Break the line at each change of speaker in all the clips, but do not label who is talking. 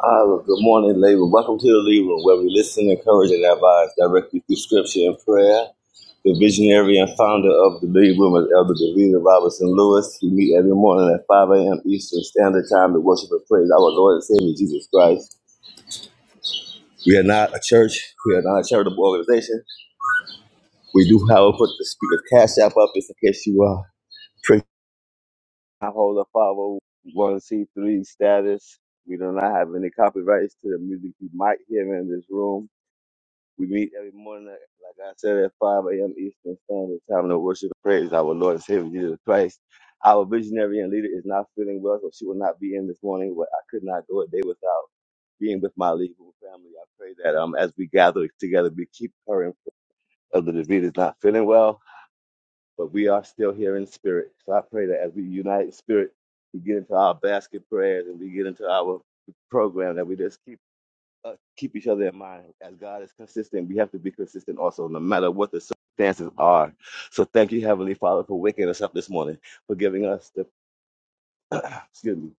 Uh, good morning, Labor. Welcome to the Lee where we listen, encourage, and advise directly through scripture and prayer. The visionary and founder of the Lee is Elder Davina Robinson Lewis. We meet every morning at 5 a.m. Eastern Standard Time to worship and praise our Lord and Savior Jesus Christ. We are not a church. We are not a charitable organization. We do, however, put the speaker cash app up just in case you uh, prick. I hold a 501c3 status. We do not have any copyrights to the music you might hear in this room. We meet every morning, like like I said, at 5 a.m. Eastern Standard Time to worship and praise our Lord and Savior Jesus Christ. Our visionary and leader is not feeling well, so she will not be in this morning, but I could not go a day without being with my legal family. I pray that um, as we gather together, we keep her in of the disease is not feeling well, but we are still here in spirit. So I pray that as we unite in spirit, we get into our basket prayers and we get into our program, that we just keep uh, keep each other in mind. As God is consistent, we have to be consistent also, no matter what the circumstances are. So thank you, Heavenly Father, for waking us up this morning, for giving us the excuse me,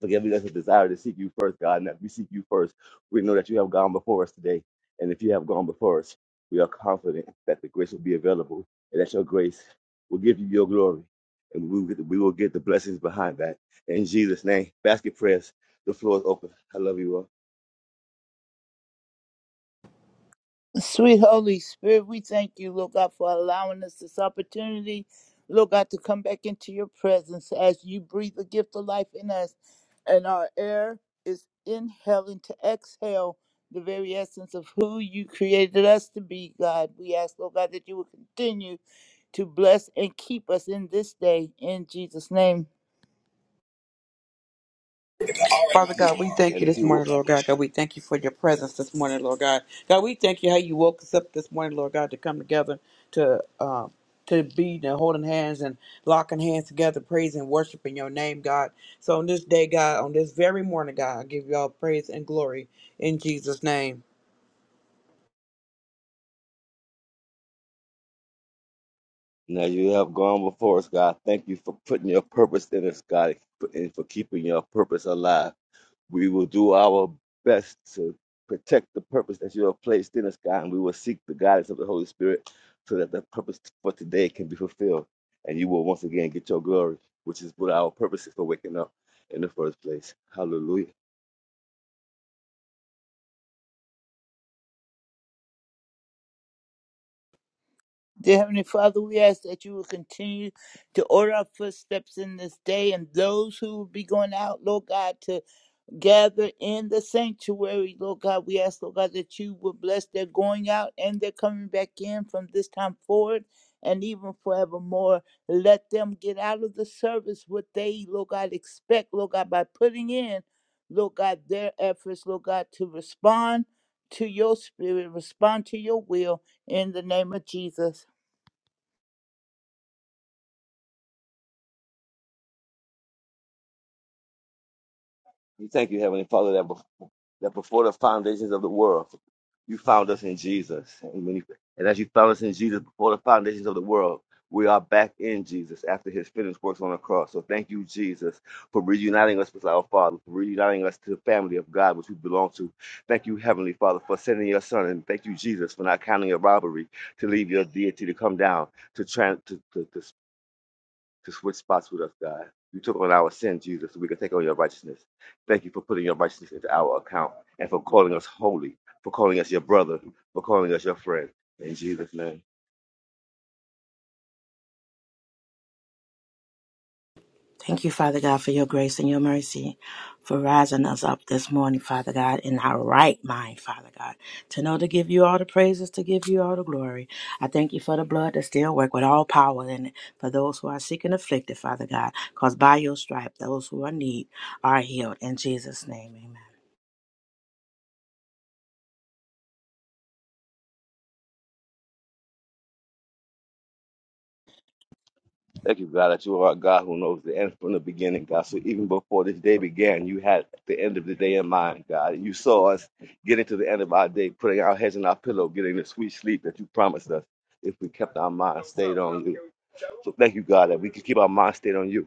for giving us a desire to seek you first, God. And that we seek you first, we know that you have gone before us today. And if you have gone before us, we are confident that the grace will be available and that your grace will give you your glory. And we will get the, we will get the blessings behind that. In Jesus' name, basket prayers. The floor is open. I love you all.
Sweet Holy Spirit, we thank you, Lord God, for allowing us this opportunity, Lord God, to come back into your presence as you breathe the gift of life in us. And our air is inhaling to exhale the very essence of who you created us to be, God. We ask, Lord God, that you will continue to bless and keep us in this day, in Jesus' name.
Father God, we thank
And
you
if
this
you want,
morning, Lord God. God, we thank you for your presence this morning, Lord God. God, we thank you how you woke us up this morning, Lord God, to come together to um, to be and holding hands and locking hands together, praising and worshiping your name, God. So on this day, God, on this very morning, God, I give you all praise and glory in Jesus' name.
Now you have gone before us, God. Thank you for putting your purpose in us, God, and for keeping your purpose alive. We will do our best to protect the purpose that you have placed in us, God, and we will seek the guidance of the Holy Spirit so that the purpose for today can be fulfilled. And you will once again get your glory, which is what our purpose is for waking up in the first place. Hallelujah.
Dear Heavenly Father, we ask that you will continue to order our footsteps in this day and those who will be going out, Lord God, to gather in the sanctuary, Lord God. We ask, Lord God, that you would bless their going out and their coming back in from this time forward and even forevermore. Let them get out of the service what they, Lord God, expect, Lord God, by putting in, Lord God, their efforts, Lord God, to respond to your spirit, respond to your will in the name of Jesus.
We thank you, Heavenly Father, that that before the foundations of the world, you found us in Jesus. And, when you, and as you found us in Jesus before the foundations of the world, we are back in Jesus after his finished works on the cross. So thank you, Jesus, for reuniting us with our Father, for reuniting us to the family of God, which we belong to. Thank you, Heavenly Father, for sending your Son. And thank you, Jesus, for not counting a robbery to leave your deity to come down to, tran to, to, to to switch spots with us, God. You took on our sin, Jesus, so we can take on your righteousness. Thank you for putting your righteousness into our account and for calling us holy, for calling us your brother, for calling us your friend. In Jesus' name.
Thank you, Father God, for your grace and your mercy, for rising us up this morning, Father God, in our right mind, Father God, to know to give you all the praises, to give you all the glory. I thank you for the blood that still works with all power in it, for those who are sick and afflicted, Father God, because by your stripe, those who are in need are healed. In Jesus' name, amen.
Thank you, God, that you are a God who knows the end from the beginning, God. So even before this day began, you had the end of the day in mind, God. You saw us getting to the end of our day, putting our heads in our pillow, getting the sweet sleep that you promised us if we kept our minds stayed on you. So thank you, God, that we can keep our mind stayed on you.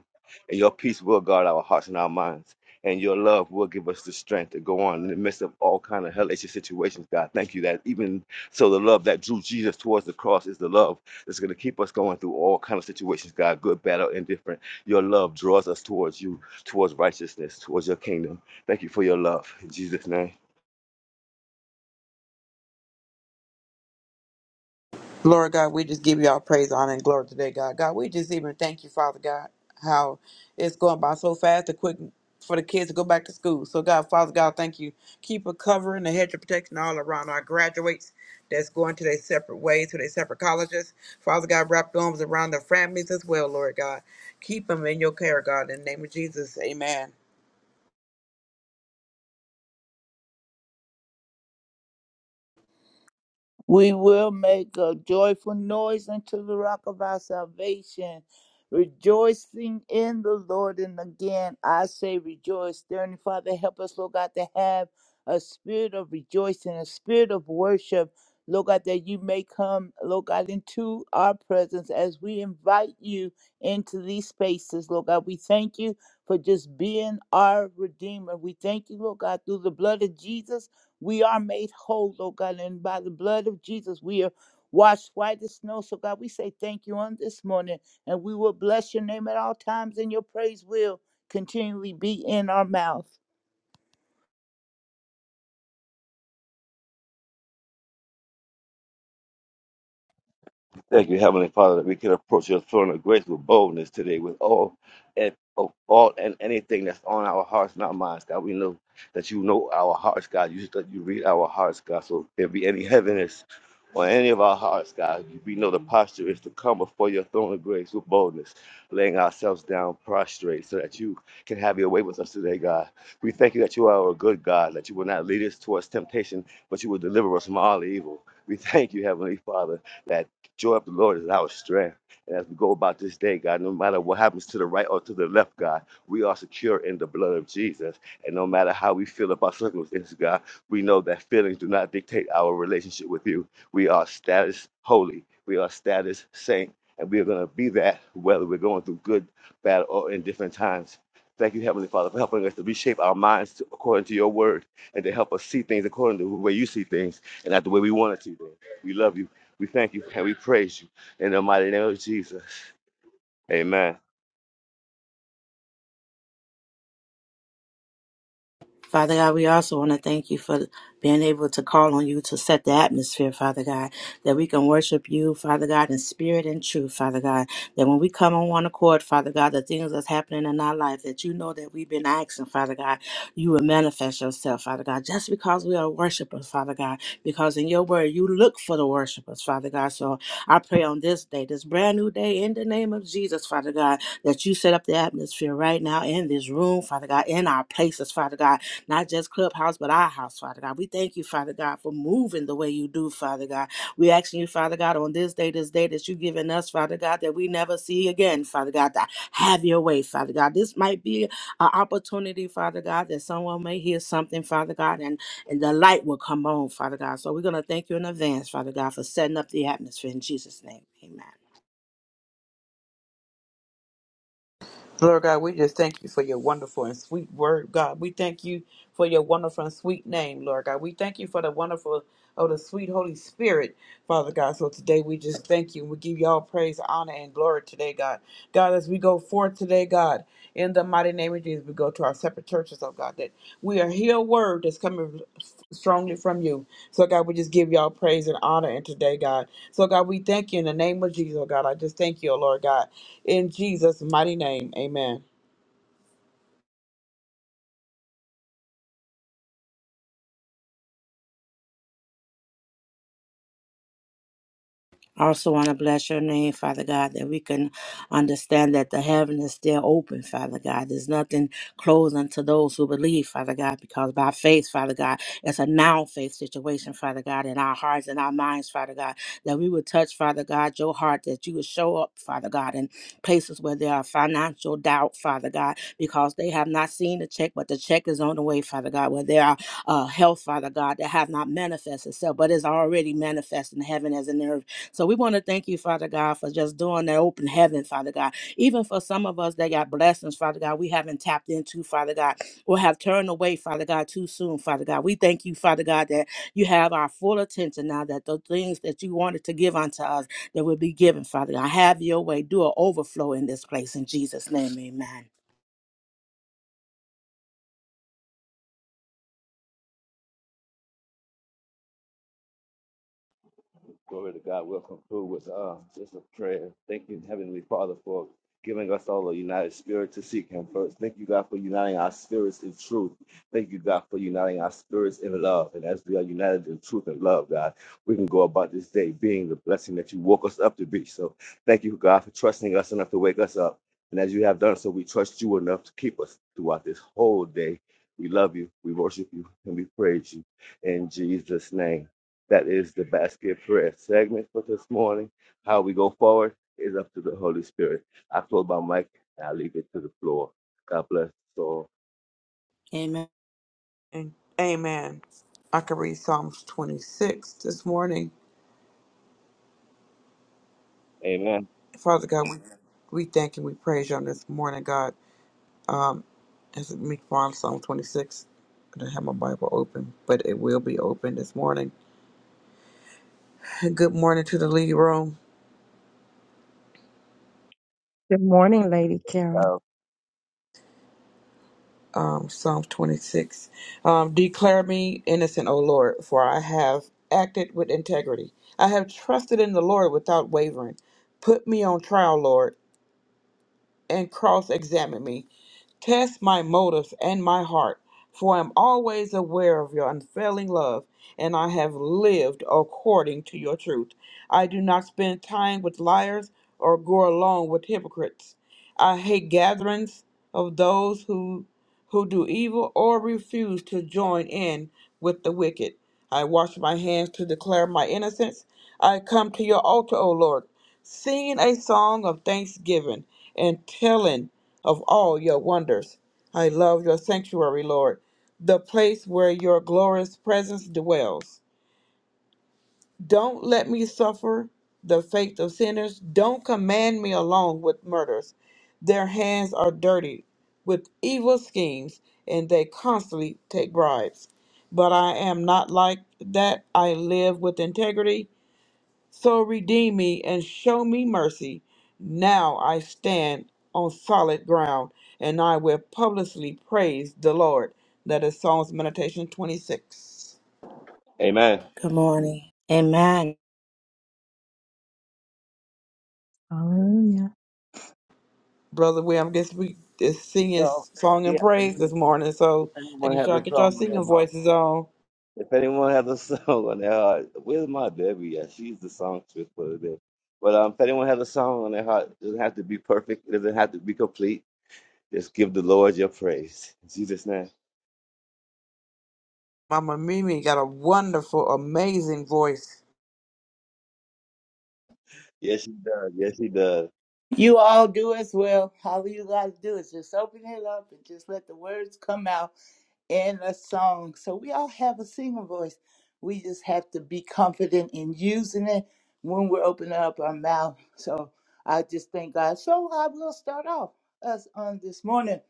And your peace will guard our hearts and our minds. And your love will give us the strength to go on in the midst of all kind of hellacious situations, God. Thank you that even so the love that drew Jesus towards the cross is the love that's going to keep us going through all kind of situations, God, good, bad, or indifferent. Your love draws us towards you, towards righteousness, towards your kingdom. Thank you for your love. In Jesus' name.
Lord God, we just give you all praise, honor, and glory today, God. God, we just even thank you, Father God, how it's going by so fast and quick for the kids to go back to school. So, God, Father God, thank you. Keep a covering, the hedge of protection all around our graduates that's going to their separate ways, to their separate colleges. Father God, wrap your arms around their families as well, Lord God. Keep them in your care, God, in the name of Jesus. Amen.
We will make a joyful noise unto the rock of our salvation, rejoicing in the Lord. And again, I say rejoice. Dear Heavenly Father, help us, Lord God, to have a spirit of rejoicing, a spirit of worship, Lord God, that you may come, Lord God, into our presence as we invite you into these spaces, Lord God. We thank you for just being our Redeemer. We thank you, Lord God, through the blood of Jesus. We are made whole, Lord God, and by the blood of Jesus, we are washed white as snow. So, God, we say thank you on this morning, and we will bless your name at all times, and your praise will continually be in our mouth.
Thank you, Heavenly Father, that we can approach your throne of grace with boldness today, with all and of all and anything that's on our hearts and our minds, God. We know that you know our hearts, God. You that you read our hearts, God. So if there be any heaviness on any of our hearts, God, we know the posture is to come before your throne of grace with boldness, laying ourselves down prostrate, so that you can have your way with us today, God. We thank you that you are a good God, that you will not lead us towards temptation, but you will deliver us from all evil. We thank you, Heavenly Father. Joy of the Lord is our strength. And as we go about this day, God, no matter what happens to the right or to the left, God, we are secure in the blood of Jesus. And no matter how we feel about circumstances, God, we know that feelings do not dictate our relationship with you. We are status holy, we are status saint, and we are going to be that whether we're going through good, bad, or in different times. Thank you, Heavenly Father, for helping us to reshape our minds to, according to your word and to help us see things according to the way you see things and not the way we want to see things. We love you. We thank you and we praise you in the mighty name of Jesus. Amen.
Father God, we also want to thank you for being able to call on you to set the atmosphere, Father God, that we can worship you, Father God, in spirit and truth, Father God. That when we come on one accord, Father God, the things that's happening in our life that you know that we've been asking, Father God, you will manifest yourself, Father God, just because we are worshipers, Father God, because in your word you look for the worshipers, Father God. So I pray on this day, this brand new day, in the name of Jesus, Father God, that you set up the atmosphere right now in this room, Father God, in our places, Father God not just Clubhouse, but our house, Father God. We thank you, Father God, for moving the way you do, Father God. We asking you, Father God, on this day, this day that you've given us, Father God, that we never see again, Father God, that have your way, Father God. This might be an opportunity, Father God, that someone may hear something, Father God, and, and the light will come on, Father God. So we're going to thank you in advance, Father God, for setting up the atmosphere in Jesus' name. Amen.
Lord God, we just thank you for your wonderful and sweet word, God. We thank you for your wonderful and sweet name, Lord God. We thank you for the wonderful of the sweet Holy Spirit, Father God. So today we just thank you. We give you all praise, honor, and glory today, God. God, as we go forth today, God. In the mighty name of Jesus, we go to our separate churches, oh God, that we are hear a word that's coming strongly from you. So, God, we just give y'all praise and honor and today, God. So, God, we thank you in the name of Jesus, oh God. I just thank you, oh Lord God. In Jesus' mighty name, amen.
I also want to bless your name, Father God, that we can understand that the heaven is still open, Father God. There's nothing closed unto those who believe, Father God, because by faith, Father God, it's a now faith situation, Father God, in our hearts and our minds, Father God, that we would touch, Father God, your heart, that you would show up, Father God, in places where there are financial doubt, Father God, because they have not seen the check, but the check is on the way, Father God, where there are uh, health, Father God, that have not manifested itself, but is already manifest in heaven as in earth. So we want to thank you, Father God, for just doing that open heaven, Father God. Even for some of us that got blessings, Father God, we haven't tapped into, Father God, or have turned away, Father God, too soon, Father God. We thank you, Father God, that you have our full attention now, that the things that you wanted to give unto us that will be given, Father God. Have your way. Do an overflow in this place. In Jesus' name, amen.
Glory to God. We'll conclude with uh, just a prayer. Thank you, Heavenly Father, for giving us all a united spirit to seek Him first. Thank you, God, for uniting our spirits in truth. Thank you, God, for uniting our spirits in love. And as we are united in truth and love, God, we can go about this day being the blessing that you woke us up to be. So thank you, God, for trusting us enough to wake us up. And as you have done so, we trust you enough to keep us throughout this whole day. We love you, we worship you, and we praise you. In Jesus' name. That is the basket prayer segment for this morning. How we go forward is up to the Holy Spirit. I close my mic and I leave it to the floor. God bless us all.
Amen.
And amen. I can read Psalms 26 this morning.
Amen.
Father God, we, we thank and we praise you on this morning, God. As we find Psalm 26, I don't have my Bible open, but it will be open this morning. Good morning to the lead room.
Good morning, Lady Carol.
So,
Um, Psalms 26. Um, Declare me innocent, O Lord, for I have acted with integrity. I have trusted in the Lord without wavering. Put me on trial, Lord. and cross examine me. Test my motives and my heart, for I am always aware of your unfailing love, and I have lived according to your truth. I do not spend time with liars or go along with hypocrites. I hate gatherings of those who who do evil or refuse to join in with the wicked. I wash my hands to declare my innocence. I come to your altar, O Lord, singing a song of thanksgiving and telling of all your wonders. I love your sanctuary, Lord, the place where your glorious presence dwells. Don't let me suffer the fate of sinners. Don't command me along with murders. Their hands are dirty with evil schemes, and they constantly take bribes. But I am not like that. I live with integrity so redeem me and show me mercy. Now I stand on solid ground, and I will publicly praise the Lord. That is Psalms Meditation 26.
amen.
Good morning. Amen.
Hallelujah.
Brother William, I guess we is singing
So,
song
yeah,
and praise this morning, so
if
I
anyone
guess
has
y'all
a
get y'all
song on their
singing
heart,
voices on.
if anyone has a song on their heart, where's my baby? Yeah, she's the songstress for the day. But um, if anyone has a song on their heart, it doesn't have to be perfect, it doesn't have to be complete. Just give the Lord your praise. In Jesus' name.
Mama Mimi got a wonderful, amazing voice.
Yes, she does. Yes, she does.
You all do as well. All you got to do is just open it up and just let the words come out. in a song. So we all have a singing voice. We just have to be confident in using it when we're opening up our mouth. So I just thank God. So I will start off us on this morning.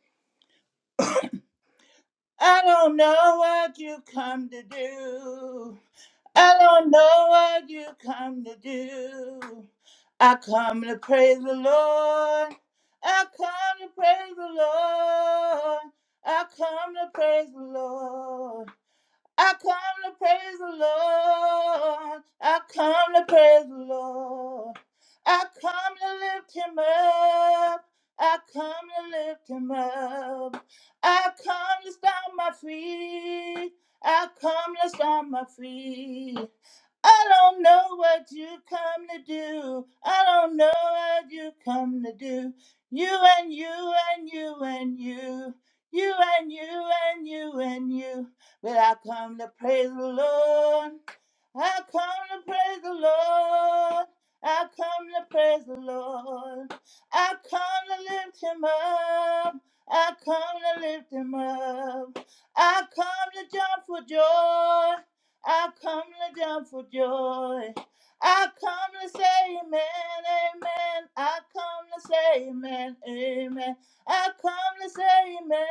I don't know what you come to do. I don't know what you come to do. I come to praise the Lord. I come to praise the Lord. I come to praise the Lord. I come to praise the Lord. I come to praise the Lord. I come to lift him up. I come to lift him up. I come to stomp my feet. I come to stomp my feet. I don't know what you come to do. I don't know what you come to do. You and you and you and you. You and you and you and you. But I come to praise the Lord. I come to praise the Lord. I come to praise the Lord. I come to lift him up. I come to lift him up. I come to jump for joy. I come to jump for joy. I come to say amen, amen. I come to say amen, amen. I come to say amen,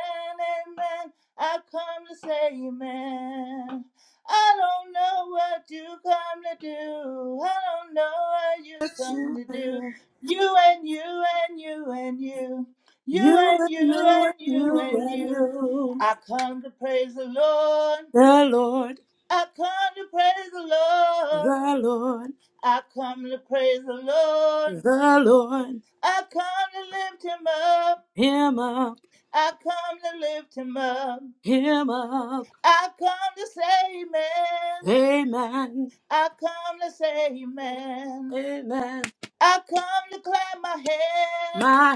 amen. I come to say amen. I don't know what you come to do. I don't know what you come
You
to do.
and
You and you and you and you. You
you
and you
and
and you
you
and
and
you.
you.
I come to praise the Lord.
The Lord.
I come to praise the Lord.
The Lord,
I come to praise the Lord.
the Lord,
I come to lift him up.
him up,
I come to lift him up.
him up.
I come to say amen.
Amen,
I come to say amen.
amen.
I come to clap my hand.
My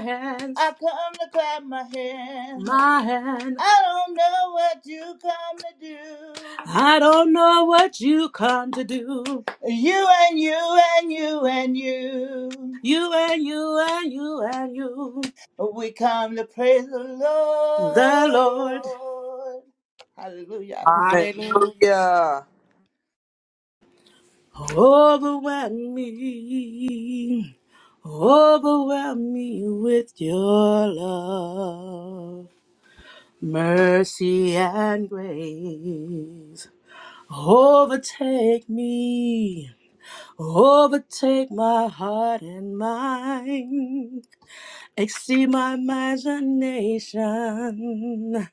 I
hands,
come to clap my hand.
my hand.
I don't know what you come to do.
I don't know what you come to do.
You and you and you and you.
You and you and you and you.
We come to praise the
The Lord,
Lord. Hallelujah.
hallelujah.
Hallelujah.
Overwhelm me, overwhelm me with your love. Mercy and grace overtake me. Overtake my heart and mind. Exceed my imagination.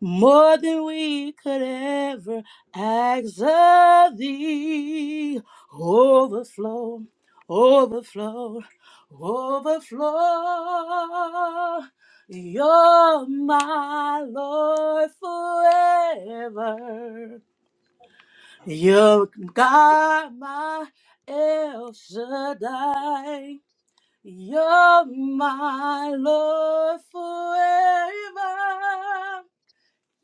More than we could ever ask of thee. Overflow, overflow, overflow. You're my Lord forever. You're God, my El Shaddai. You're my Lord forever.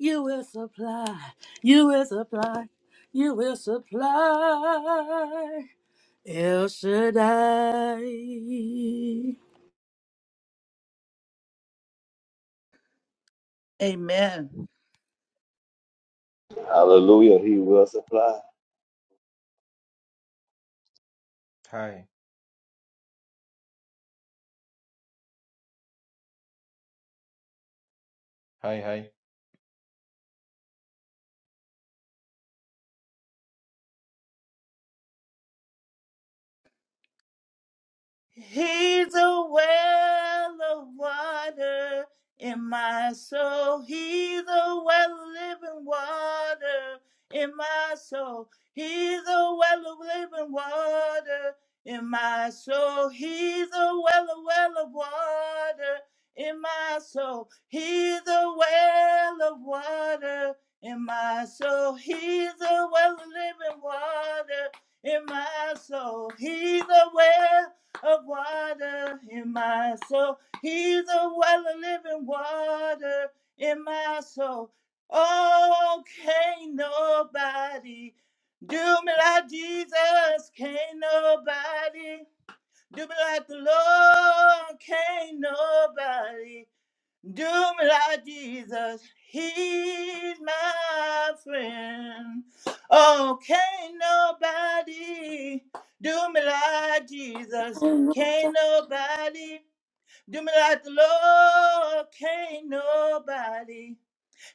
You will supply, you will supply, you will supply. El Shaddai.
Amen.
Hallelujah. He will supply.
Hi. Hi, hi.
He's a well of water in my soul. He's a well of living water in my soul. He's a well of living water in my soul. He's a well of well of water in my soul. He's a well of water in my soul. He's a well of living water in my soul. He's a well of water in my soul. He's a well of living water in my soul. Oh, can't nobody do me like Jesus. Can't nobody do me like the Lord. Can't nobody. Do me like Jesus, he's my friend. Oh, can't nobody do me like Jesus, can't nobody do me like the Lord, can't nobody.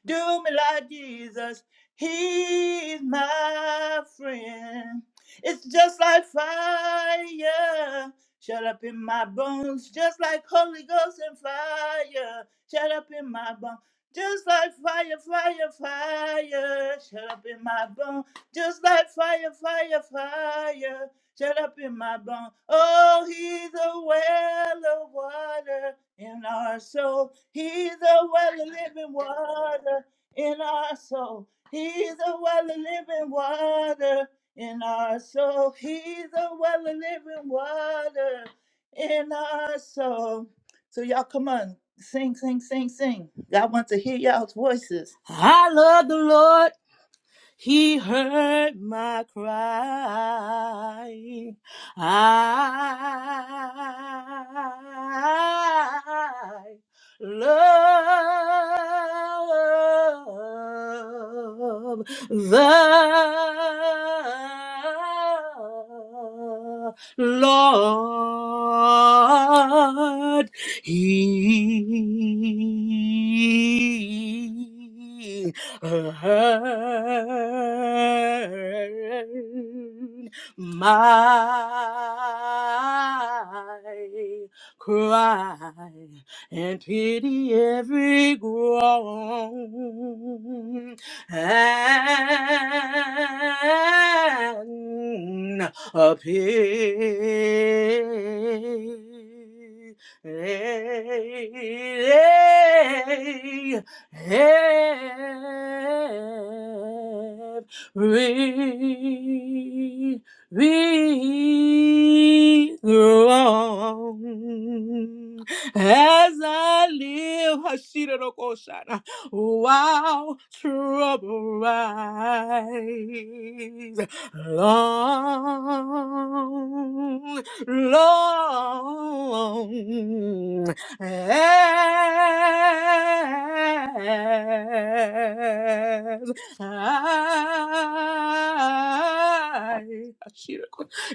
Do me like Jesus. He's my friend. It's just like fire. Shut up in my bones, just like Holy Ghost and fire. Shut up in my bones, just like fire, fire, fire. Shut up in my bones, just like fire, fire, fire shut up in my bones. Oh, he's a well of water in our soul. He's a well of living water in our soul. He's a well of living water in our soul. He's a well of living water in our soul. So y'all come on, sing, sing, sing, sing. God wants to hear y'all's voices.
I love the Lord He heard my cry. I love the Lord. He heard my cry and pity every groan and appear every wrong. As I live, Hashira Rokoshana, while trouble rise, long, long as I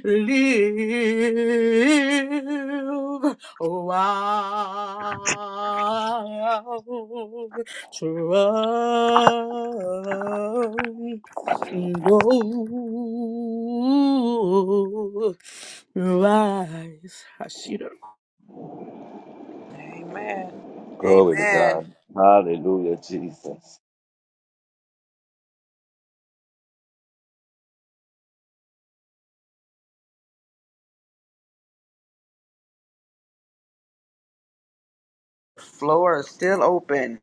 live. Oh, I'll trust go rise. Hashira.
Amen.
Glory to
Amen.
God. Hallelujah, Jesus.
Floor is still open.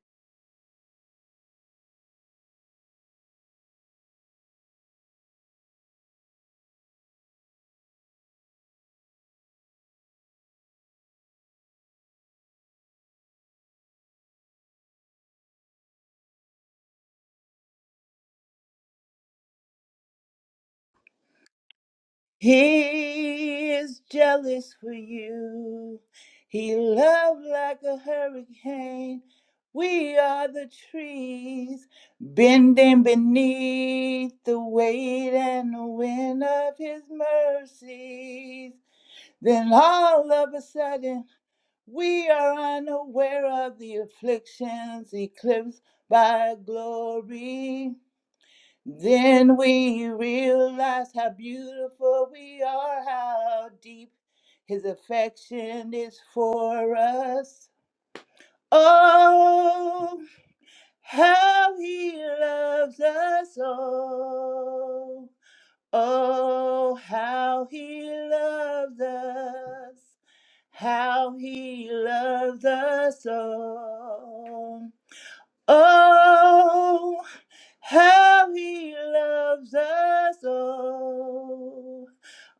He is jealous for you. He loved like a hurricane. We are the trees bending beneath the weight and the wind of his mercies. Then all of a sudden, we are unaware of the afflictions eclipsed by glory. Then we realize how beautiful we are, how deep his affection is for us. Oh, how he loves us all. Oh, how he loves us. How he loves us all. Oh, how he loves us all.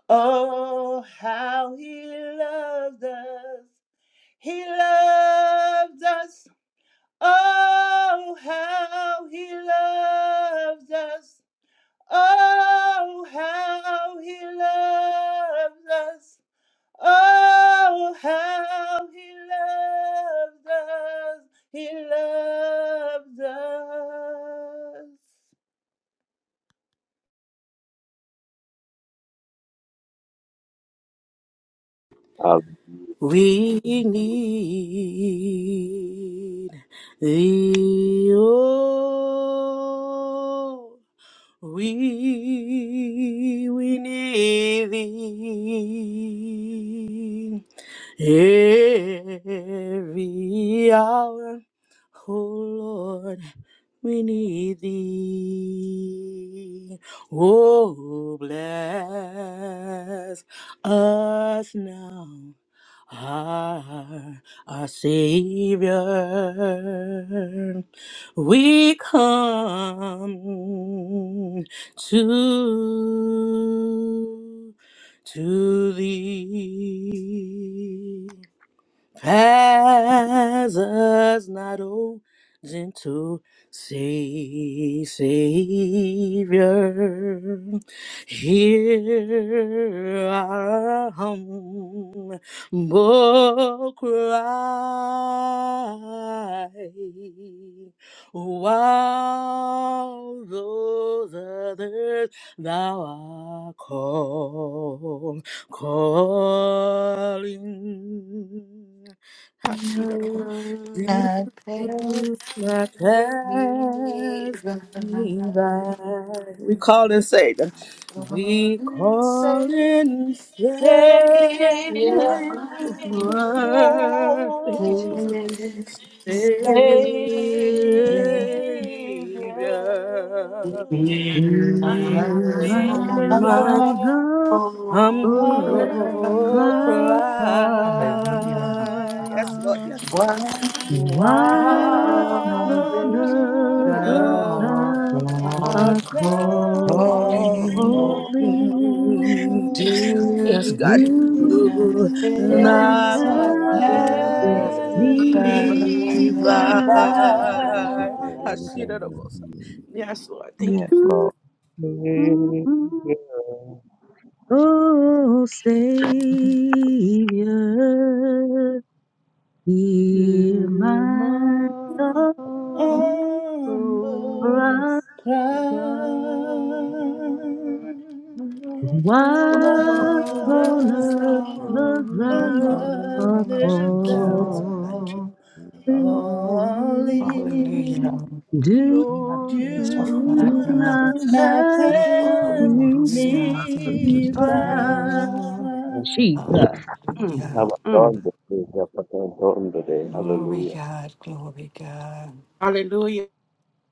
Oh, how he loves us. He loves us. Oh, how he loves us. Oh, how he loves us. Oh, how he loved us. He loved us.
Hallelujah.
We need thee, oh, we, we need thee every hour, oh Lord, we need thee. Oh, bless us now are our Savior. We come to to thee. Pass us not, O gentle Savior. Hear our humble cry. While those others thou art called calling.
You're
Hashiroko. Do
Not past
not
me
pass
by.
me by. We call and save them. We
Gonna say, yeah,
call
Savior.
and save.
Savior,
You are
Thank you, Jesus. Savior.
Savior,
Hear
we
in
my
my.
are
humble
all
I'm
grand.
gonna
cry,
Oh,
humble.
Hallelujah.
cry. Yes, Lord. Yes, Lord.
What
while
One
on
While
of these
the
others
others
shall
now
are
are
come.
thou art
calling,
calling.
Do
yes, God,
You
calling,
not
do
might
pass
not
not
pass
me
pass
pass
me
by
me
me
by.
by.
by.
Hashira Rogosa. Yes, Lord. Thank you.
Yes, Lord.
Oh, Savior. Hear my soul
Oh.
Humble
cry,
pride.
why
love,
on
this
earth
song.
thou art
Hallelujah.
another
Thank you,
calling?
Yes,
Call
Lord.
God.
Thank you.
Glory,
love,
Hallelujah.
only
Do
Do
not
Lord,
pass me
do
by
you
to
God.
not
not
pass
pass
above
me
pass me
Hallelujah. Thank you,
me
by.
God.
by.
by.
Jesus. Mm,
Hallelujah.
Have a
mm.
wonderful day. Have a wonderful day.
Glory,
Hallelujah.
God. Glory, God.
Hallelujah.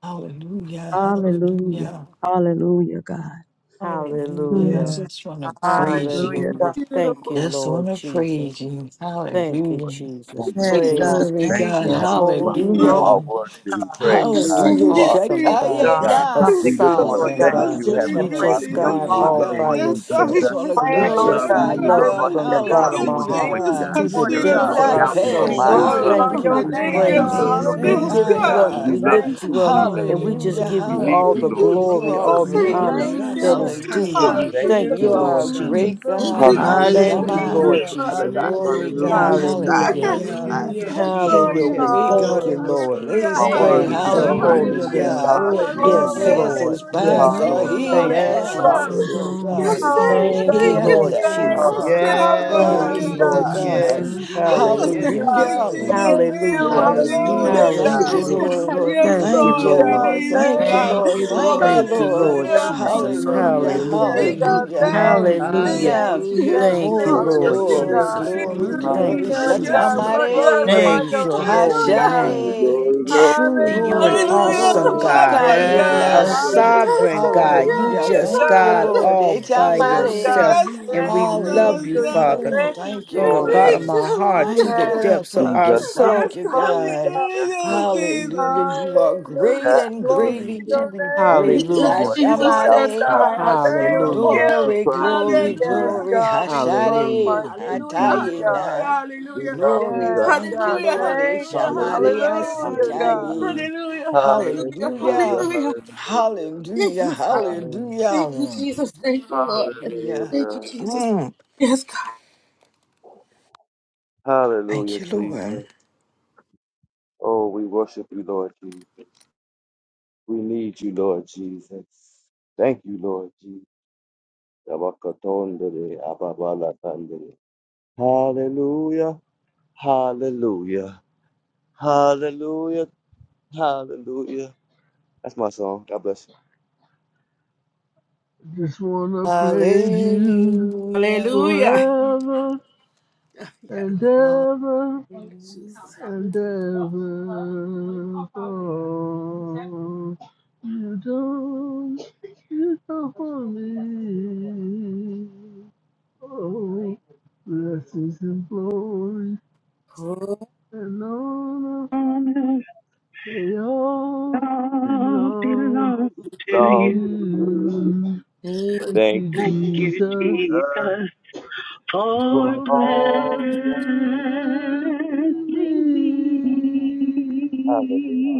Hallelujah.
Hallelujah.
Hallelujah.
Hallelujah, God.
Hallelujah. I
Hallelujah.
Mm.
just want to praise you.
Hallelujah,
Hallelujah.
God.
Thank you,
Just want
Lord
to
Jesus.
praise you.
Thank you,
Hallelujah.
Jesus.
Thank you,
Yes,
Jesus,
God.
Jesus.
Praise
Glory
Thank
Thank
God.
you.
you,
your
Jesus.
Heavenly
holy
Father. You are
Hallelujah.
Glory
name.
be
worthy
to
to be
God.
praised,
Truly, you
God.
an
Hallelujah.
You
Savior,
are awesome,
awesome
thank you.
God,
ultimate
Shekaye
God,
God.
we
a
na.
come
We
Thank
just
you,
together,
want to
Lord
sovereign
thank
God,
Hallelujah.
Jesus.
God.
you,
Just
singing
Thank
You
want
and
Heavenly
you,
to
Father.
just
praising
We
your
just
God
praise
want
you,
to
all
song
Jesus.
love
by
and
on
God.
Yes,
you,
God.
yourself.
Just
Jesus.
want to
Yes,
And
We
we
praying,
God.
Lord
love
just
Yes,
you.
glorify
God.
you,
God.
You
love
love
you
God.
us.
from
This
Hallelujah,
the
is
Thank
God.
bottom of
you,
We
one-on-one
our
Hallelujah,
thank
heart
situation,
you
Jesus.
this
God.
God.
i
to the
There
see
morning,
Oh,
is
sure
Do
it
God.
no
depths of
was
our
not
doubt
that.
in
glory,
my
We
pass.
soul.
mind
We
you
Thank
love
you,
glorify
me,
thank
hallelujah.
you.
your
Hallelujah.
God.
God.
We
Do
Thank
name,
not
you.
You
praise you.
love
God.
pass
your
Yes, God.
me
We
Thank
Yes,
people,
give
you,
Hallelujah,
by,
you
God.
God.
up.
and
Heavenly
we
We
God.
love
Thank
you
Father.
Yes,
lift you
you,
too,
up.
God.
Jesus.
God.
And we just
Hallelujah.
Oh,
give
We
you
God,
need
all
we
you,
Thank
the
give
Lord.
you,
Hallelujah.
you
You
Hallelujah,
glory,
all
are
the
all
Jesus.
the
We
Thank
God.
great.
worship
honor
you.
glory.
Thank
you, Lord.
that
you.
is due
Yes,
to
We
Hallelujah.
Hallelujah,
you.
thank
Lord.
you,
is
Thank you,
You
the
Jesus.
are a
Lord
Ashatakandererosa.
God.
Jesus.
Holy
great
Hallelujah,
Thank you,
God.
Thank you,
Hallelujah,
Jesus.
God.
Jesus.
Thank you,
Thank
Thank
Heavenly
you.
Hashema.
you,
Lord
King.
Hallelujah,
Father.
Father
Jesus.
God.
Yes,
Glory,
hallelujah,
Hallelujah,
God.
God.
Yes,
We
Oh,
God.
thank
Jesus.
Hallelujah.
Yes,
the
you. We
God.
Hallelujah.
thank
hallelujah,
Hallelujah.
Yes,
Thank you,
Have
Jesus.
Lord
Lord,
your
you.
Lord.
Hallelujah.
Yes,
Jesus.
way,
You
Thank
God,
Lord.
you,
in this
Lord.
Oh,
Hallelujah.
place,
Hallelujah,
are
Thank
God.
glory,
worthy
you,
Praise
to
Praise
be
your
hallelujah,
your
praised.
holy
Hallelujah,
Jesus.
name,
hallelujah.
hallelujah,
Yes,
name.
Mama,
God.
God,
God.
Lord. Yes,
Don't
Yes,
hallelujah,
Lord.
pass
Hallelujah.
Glory,
Lord.
us
glory,
hallelujah,
by,
they
Thank
Yes,
God.
you,
Lord.
Jesus,
Lord.
Hear
all
Thank you,
Hallelujah.
glory,
Yes,
our,
hallelujah.
hearts,
Jesus.
Lord.
glory.
Yes,
Hallelujah.
Lord
belong
Yes,
God.
Lord.
sir,
Oh,
yeah,
Hallelujah.
Thank
to
you,
thank
God,
Thank
you,
we
you.
Hear
Lord
you,
Jesus.
our
Lord.
thank
Oh,
Jesus.
you.
shit, I
humble
don't go,
Yes,
Thank
Thank you,
Hallelujah,
cries,
you,
Sana.
Lord
Lord
God.
Jesus,
Yes,
Thank
God.
yes,
Jesus.
Thank
you,
Jesus.
you for
Jesus,
Jesus,
hearing
yes,
thank
your
Hallelujah.
God,
you,
we
cry,
Jesus.
Hallelujah.
Lord.
Jesus,
thank
Oh,
you.
thank
thank
you,
Hallelujah.
Yes,
Jesus.
Hallelujah.
Lord,
Hallelujah,
yes,
Thank
Oh,
God.
you,
Yes,
Lord,
Hallelujah.
glory,
yes,
Lord.
you.
God,
Lord.
yes,
Thank you,
Thank
hallelujah.
Yes,
you,
Lord, we
Lord.
God,
Lord.
need you,
Thank you,
thank
God.
Thank
Lord.
you.
you,
Thank
Lord.
Hallelujah.
you,
Jesus.
Thank you,
Thank you,
Lord.
Hallelujah,
Lord
Hallelujah,
Lord.
God.
Thank
oh,
you,
Jesus.
Lord.
God.
Hallelujah!
Hallelujah.
Yes,
Hallelujah.
Thank you,
God.
Just
Hallelujah.
Thank
wanna
Jesus,
you,
thank
praise
Hallelujah.
thank
you,
Hallelujah.
you,
you
Hallelujah,
thank
Jesus,
you.
Thank you,
thank
Oh,
Oh,
Jesus.
you,
Yes,
Lord
Hallelujah,
glory,
Jesus,
Lord.
glory,
Jesus.
God.
thank
glory,
you,
glory.
Thank you,
hallelujah.
Jesus.
Yes,
forever.
Thank
Yes,
God.
you,
Jesus.
We
Lord,
Father.
yes.
Shatamare.
glorify
Thank
Praise
you,
your
your
name,
Jesus.
holy
Hallelujah.
You,
Oh,
name.
God.
Heavenly
Hashare.
glory,
Father.
glory,
Truly,
glory, glory,
Hallelujah,
you an
Glory,
Hallelujah,
glory, glory, glory,
glory,
awesome
God,
God,
glory, glory, glory,
hallelujah.
a
glory,
Shikayena.
Yes,
God.
yes,
glory.
yes,
Yes,
sovereign
God,
Lord.
God.
Yes,
You
Hallelujah.
yes,
Hallelujah,
Lord,
just
Thank
yes,
you,
God
God.
Lord.
Lord.
Lord.
all by
Yes,
Echamare.
yourself.
God.
Yes,
And
Thank
we
Hallelujah. Thank
you,
Hallelujah.
love
Jesus,
you,
you,
yes.
Jesus.
Father.
Father,
Mm,
Thank you,
Hallelujah!
thank you,
We
from the
Jesus.
need
bottom
Lord.
of
Hallelujah!
our
you,
heart to
Thank
the
Lord.
Yes,
you,
depths of
God.
thank
We
our
you,
Jesus,
come
thank
Yes,
soul.
you,
before
God,
you,
we
God.
God.
yes,
need you,
Lord, Jesus,
Hallelujah.
Jesus.
You are
Oh,
great
Hallelujah.
yes,
and
Glory to
greatly to
Jesus,
your
be
name
Thank
praised.
you,
this
Hallelujah.
Lord,
Jesus,
accept
morning,
our
yes,
Ashamare.
God. We
God. I
cries,
see it
thank
Lord.
all.
Hallelujah.
We
you.
Glory,
cry to
glory,
you,
Yes,
Hallelujah.
glory.
Jesus,
God, we
Hallelujah.
glorify
Hashare.
you this
to
Hallelujah,
morning,
Jesus,
hallelujah,
Hatayena.
God.
We
hallelujah.
love you,
Glory,
Yes,
God.
thank you,
God,
Hallelujah,
Lord.
thank
hallelujah,
you.
Hallelujah,
hallelujah, God.
Hallelujah, God.
hallelujah.
Ishamaniasikaye.
Hallelujah, hallelujah,
Hallelujah,
Hallelujah.
hallelujah,
hallelujah.
Thank
Hallelujah.
you, Father.
Um,
Thank you,
Hallelujah.
Jesus. Thank you, Lord.
Hallelujah.
Thank you,
Hallelujah.
Jesus.
Mm.
Yes, God.
Thank
Hallelujah,
you, Lord.
Jesus. Oh, we worship you, Lord Jesus. We need you, Lord Jesus. Thank you, Lord Jesus. Tabakatondere, ababalakandere. Hallelujah, hallelujah, hallelujah, hallelujah. That's my song. God bless
Just wanna praise you
Hallelujah.
Hallelujah.
forever
Yes,
and ever
Hallelujah.
Jesus.
and ever. Oh, you don't, you don't for me. Oh, blessings and glory
Oh,
and honor,
on
they
earth
all
all
belong
belong to
you.
to
Long to you.
you.
you.
thank
Thank
Thank
you,
Thank
you,
you,
Jesus,
Jesus,
Jesus,
for
for
for blessing
blessing
all that you
me.
have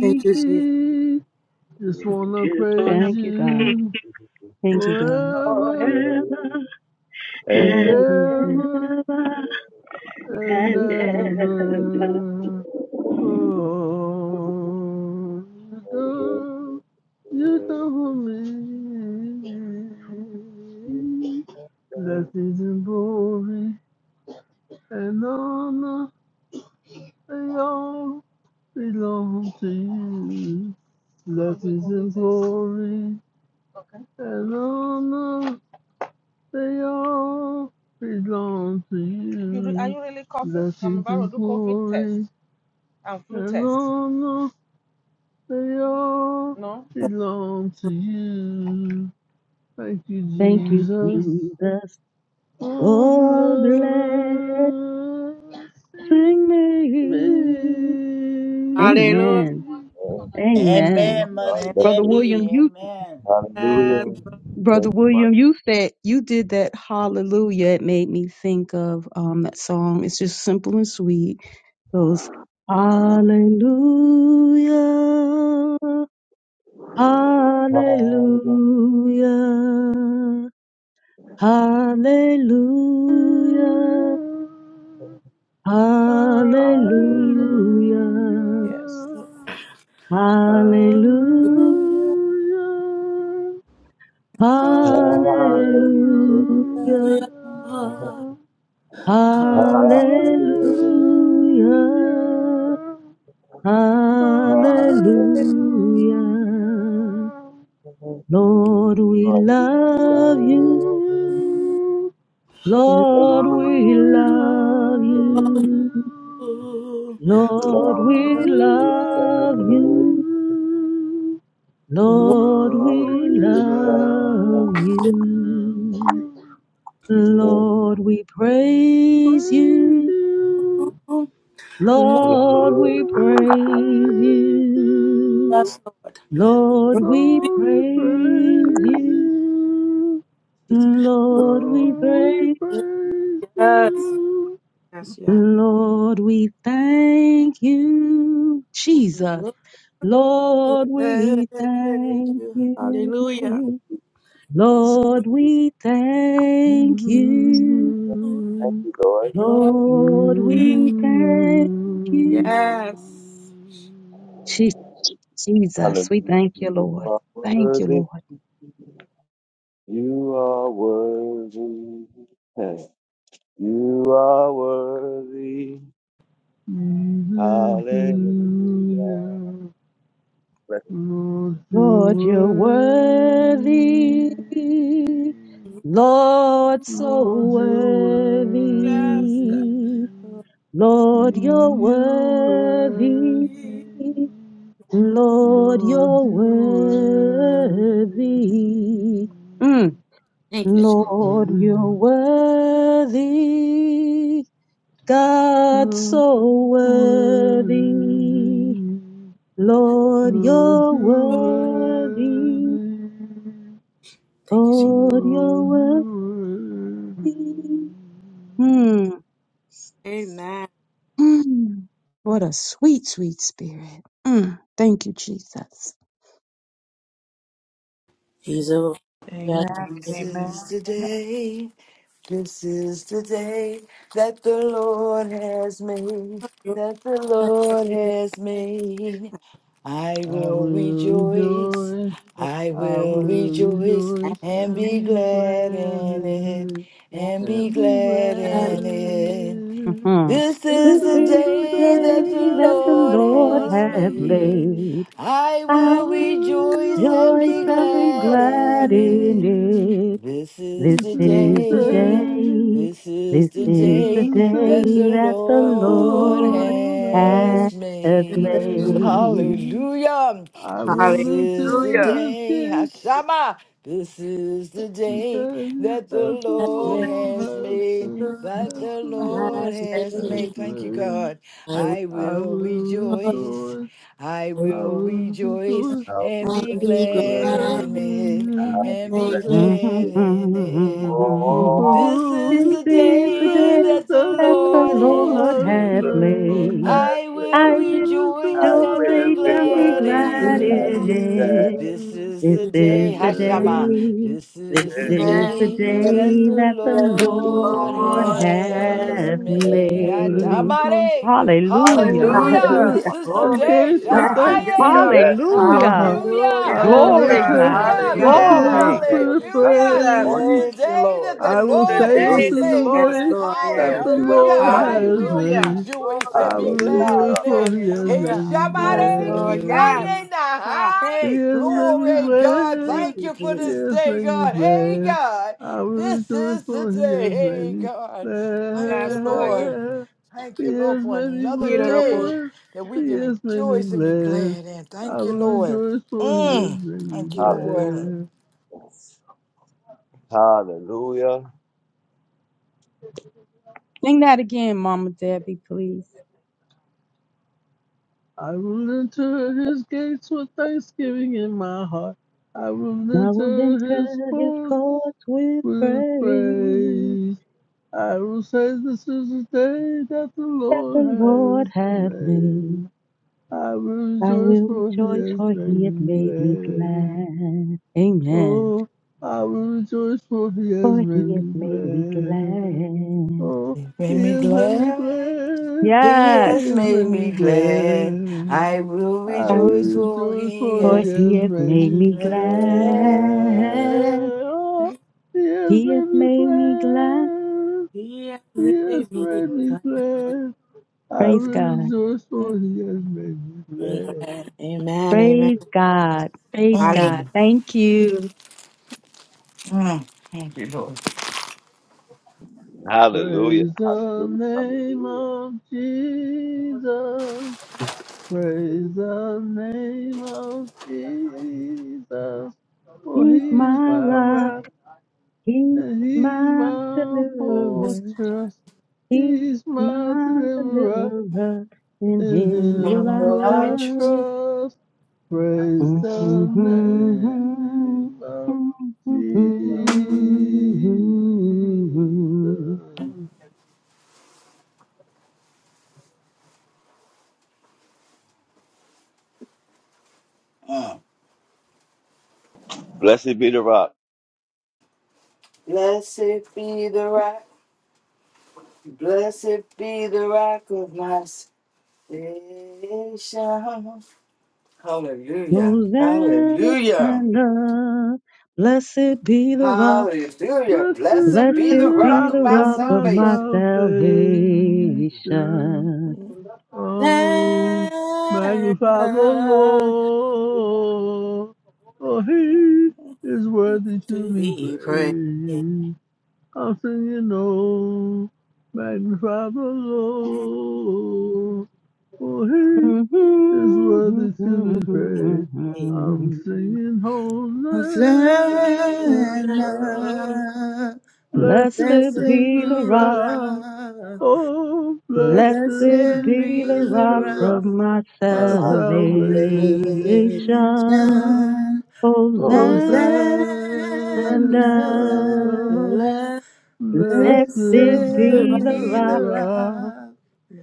thank you, Jesus.
me. Just
done.
wanna
Just wanna
praise
Thank you, God.
pray
you
Thank you, God.
forever
forever
and
Thank you,
And
and
Jesus.
ever
ever
and
and ever.
ever. Oh, you do, you do for me. Blessings and glory and honor, they all belong to you. Blessings and glory and honor, they all belong to You you. Blessings and glory test. They all belong to you. Thank you,
Thank you,
Jesus.
Jesus.
Oh,
Oh,
blood
bless
save
Sing
me.
me.
Hallelujah.
Amen. Amen.
Amen, Mother
Brother
Debbie.
William, you
Amen.
Hallelujah.
Brother
Thank you, my
William, you said you did that hallelujah. It made me think of um that song. It's just simple and sweet. It Goes Hallelujah.
God. Hallelujah.
Hallelujah. Hallelujah.
Hallelujah.
Hallelujah.
Hallelujah.
Hallelujah.
Hallelujah.
Hallelujah.
Hallelujah.
Hallelujah,
Lord, Lord,
Hallelujah. Hallelujah,
hallelujah,
hallelujah,
hallelujah. Lord, we love you.
Lord, we
Lord,
Hallelujah.
we love
Thank
love you,
you.
Lord, we
Lord, we
you,
love
Lord.
love
you.
you,
Lord,
Lord, we
Lord, we
Hallelujah.
love
love
you.
yes,
you.
You
Lord, we praise
Praise
you.
you,
Lord, we
always
praise
praise
you.
you.
Lord.
Lord,
Lord,
we
Lord, we
praise
praise
you.
you.
Jesus. Lord,
Lord, we
Lord, we
praise.
praise
Yes,
you.
yes, yes.
Lord, we thank you, Jesus.
Lord,
Lord, we
thank
thank
you. Hallelujah.
you. Lord, we thank you.
Mhm.
Lord,
Lord,
Mhm.
we thank you.
yes.
Je- Jesus, we thank you, Lord.
are
Thank you,
worthy.
Lord.
You are worthy. Hey. You are worthy.
Mhm.
Hallelujah. Bless
Lord, you're
Lord, you're worthy.
worthy.
Lord, so
Lord, you're
Yes, God.
worthy.
worthy.
Lord, you're
You
worthy.
worthy,
Lord,
Lord,
you're
you worthy.
worthy. Mm.
Thank you. Jesus.
Lord, you're
Hallelujah.
worthy. God,
You
so worthy.
worthy,
Lord,
Lord,
you're
you
worthy.
worthy.
Thank you, Jesus.
Lord, you're
Lord, you
worthy.
worthy.
Mm.
Amen.
Mm. What a sweet, sweet spirit. Mm. Thank you, Jesus.
He's a yes. he's
This is the day, this is the day that the Lord has made,
a
that the Lord has made. I
I
will
will
rejoice,
rejoice,
I
I
will
will
rejoice
rejoice
and
and
be
be glad
glad in it,
in it,
and be
and be
glad
glad
in it.
in it.
Mhm.
This
This
is
This
the
is
is
the
the
day
day that the
day that
that the
the
Lord
Lord
Lord
has
hath
has
made.
made.
made.
I
I
I
will
will
rejoice and
rejoice
rejoice
be
and
and
be
be
glad
glad
glad
in
in
it.
in
it.
This
it.
is
This
This
the
is
is the
day,
the
day.
this is
This
day,
the
this is
is the
day
the
day
that
day
the
that the
that the
Lord
Lord
Lord has
has
hath
made.
made.
made.
Hallelujah.
I
This
will
Hallelujah.
is the
enter his
day,
gates
Hashama. This is the
and
day
say
that the
that the
Lord
Lord
has
has
made.
made.
That
that
the
the Lord
Lord has
has
made. Thank you,
made.
God.
I will
I
I
will
will
rejoice.
rejoice,
I
I
will
will
rejoice
rejoice,
how
and
we
be
and be
pray.
glad
glad
glad
in it
in
How
it.
we
and be
and be
glad
pray.
in it.
For
Oh,
This
behold,
is
This
this
the
is
is
the
the
day
day
that
day
the
that the
that the
Lord
Lord
has
Lord
has
hath
the
made.
Lord
made.
made.
I
I
will
has
I will
will
rejoice
I
rejoice
and
will
be
rejoice
and be
and be
glad
rejoice.
glad
in
glad
I will
in
be
it.
it.
glad.
This
in it.
is
This
the
with
is
day,
the
Hashama.
Today
day.
This
This
is the
This is the
is the
day that
day
the
day
that the
that the
glad.
Lord
Lord
Lord.
Lord has
has
hath
made.
the
made.
Lord.
made.
We're
Atamare.
I
Hallelujah.
will
Hallelujah.
enter
Hallelujah.
This
Hallelujah.
My
is the
God,
his
Glory
thank
be
day.
to
gates
you. Yes,
with
God. Yes,
Jesus.
thanksgiving
Shataye.
Yes,
God.
in
Jesus.
my
Hallelujah.
heart.
Hallelujah.
I
Hallelujah.
Hallelujah.
Yes,
will
Glory,
Thank
God.
Yes,
you
enter
for
God.
Lord.
your
Hallelujah.
his
son.
Yes.
Thank
courts
Hallelujah.
Glory.
you
Thank
every
with
you,
Sunday,
Hallelujah. This
Jesus.
Lord.
is the
praise.
Thank you,
day that
Lord.
the
This
I
is
will
Thank
the
Lord
say,
you,
Look,
has
day
This
that
is
the
Jesus.
the
made.
Lord
Yes,
day
has
Lord.
made.
that
Yes.
thank
the
you
Hallelujah.
every
Lord
Hallelujah.
I
has
Sunday.
will
Hallelujah.
made.
rejoice
Glory to
and
I
be
will
Hallelujah.
glad
God.
rejoice,
in
Yes.
for
it.
he has
Hey,
Hallelujah.
made me
Yes,
Shabbat,
Hallelujah.
Lord. Yes.
glad.
Kikaye Naha.
Ha. Hey.
Yes,
Yes,
baby,
Glory,
God.
God.
Thank
glad.
Thank
you,
you for
Jesus.
this
Yes,
day,
baby,
God. Hey,
glad.
God.
I will
This
rejoice
is the
for it.
day.
Yes,
Hey,
baby,
God. Thank
Yes,
you,
Lord.
Lord.
glad.
Thank you, Lord,
Yes,
for
baby,
another day
glad.
that we can
Yes, baby,
rejoice and be
glad.
glad in.
I
Thank you,
will
Lord.
rejoice for it. Yes,
Mm.
baby,
Thank you,
Hallelujah.
Lord.
glad.
Hallelujah.
Sing that again, Mama Debbie, please.
I will enter his gates with thanksgiving in my heart. I will
I will
enter
enter
his
his
courts
courts with
with
praise.
praise. I will say this is the day that the
the
Lord
Lord
has
hath made.
made. I will
I
rejoice
will
for he
rejoice,
has
for
made
he hath made me
me glad.
glad. Amen.
Oh, I will rejoice for he has
For he hath
made
made me
me glad.
glad.
Oh,
It made
he
me
has made me
glad.
glad.
He
He
has
Yes.
has
made
made
me
me
glad.
glad.
I will
I
I,
rejoice,
will
for
rejoice
he
for
for
he
has made
he
has
hath
made
made
me
me
me glad.
glad.
glad.
Oh, he has
He
made
hath
me
made me glad.
glad.
Yes.
He has made me glad. I
Praise
will
God.
rejoice for he has made me glad.
Amen. Amen.
Praise God. Praise
Hallelujah.
God.
Mm,
Thank you.
mm. Thank you, Lord.
Hallelujah.
Praise the
Hallelujah.
name
Hallelujah.
of Jesus. Praise the name of Jesus, for
He's
he's
my
my
rock.
rock
He's
and he's
my
my
deliverer.
fortress.
He,
He's my
my
deliverer,
deliverer, in
in
him will
him
I
Mm,
will
I
I
trust-
trust.
trust. Praise the
Mm-hmm.
name of Jesus.
Mm-hmm.
mm.
Blessed be the rock.
Blessed be the rock. Blessed be the rock of my salvation. Hallelujah. Hallelujah.
Hosanna, blessed be the rock,
Hallelujah.
Blessed be
Blessed
blessed
be the
the
be
rock
rock
of
the
my
of
rock of
my
my
salvation.
salvation.
salvation. Oh, magnify the
Stand
Lord. for he is worthy to
to
be
be praised.
praised. I'm singing, oh, magnify the Lord. for he
Mm-hmm.
is worthy to be praised. I'm singing, holy.
Hosanna,
Blessed
blessed
Blessed
be
be the
be
the
the
rock.
rock.
rock
Oh,
Blessed
blessed
Blessed
be
be
be
the
the
rock
the
rock,
rock
of my
my
my
I
salvation.
salvation.
salvation.
so
Hosanna.
Hosanna,
Hosanna.
Lamb
Blessed
blessed be
Blessed
Blessed
be
of
the
be the
the
rock.
rock,
rock.
the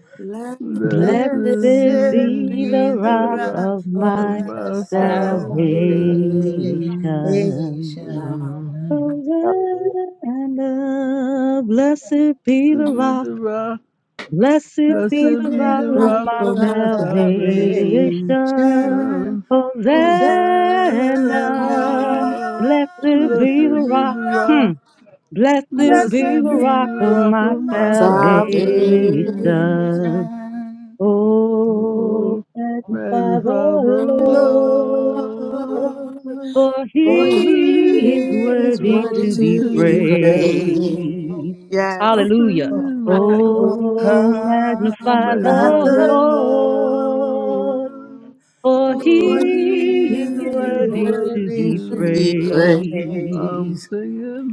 bless
blessed
Blessed
be
Blessed
be
be
the
the
the
rock
rock
rock
of
God, of
of
of
my
my
my
my
salvation.
salvation.
salvation.
Hallelujah.
Hosanna. Blessed be
To
the
be
rock.
the rock
Blessed
Blessed
be
Blessed
the
be
be
rock
the
the
of
rock
rock
of
my
my
of
my
my
salvation.
salvation.
salvation.
Hosanna.
Hosanna.
life,
Hosanna.
Blessed
Blessed
be
Blessed be
the
be
the
rock.
the
rock.
Hmm.
rock.
Blessed
blessed
Blessed
be
Blessed
the
is
be
be
rock
the
the
of
rock
rock
my
of
of
my
my
my
salvation,
salvation.
salvation.
salvation.
Oh,
Oh, magnify
magnify
the
the
Lord
Lord.
Lord,
for
for
for
For
he
he
he
he is
is
is
is
worthy
worthy
worthy
to
worthy
to
be
to
be
to
be
be praised.
praised.
praised.
praised.
I
Yes.
sing,
Hallelujah.
you
Oh,
Oh,
know.
come
magnify
by
Magnify the
the
the
Lord,
Lord.
Lord,
Lord.
for
for
For
For
he
he
he
he is
is
is
is
worthy
worthy
to
worthy
worthy
to
to
be
to
be
be
be praised.
praised. I'm
praised.
praised.
singing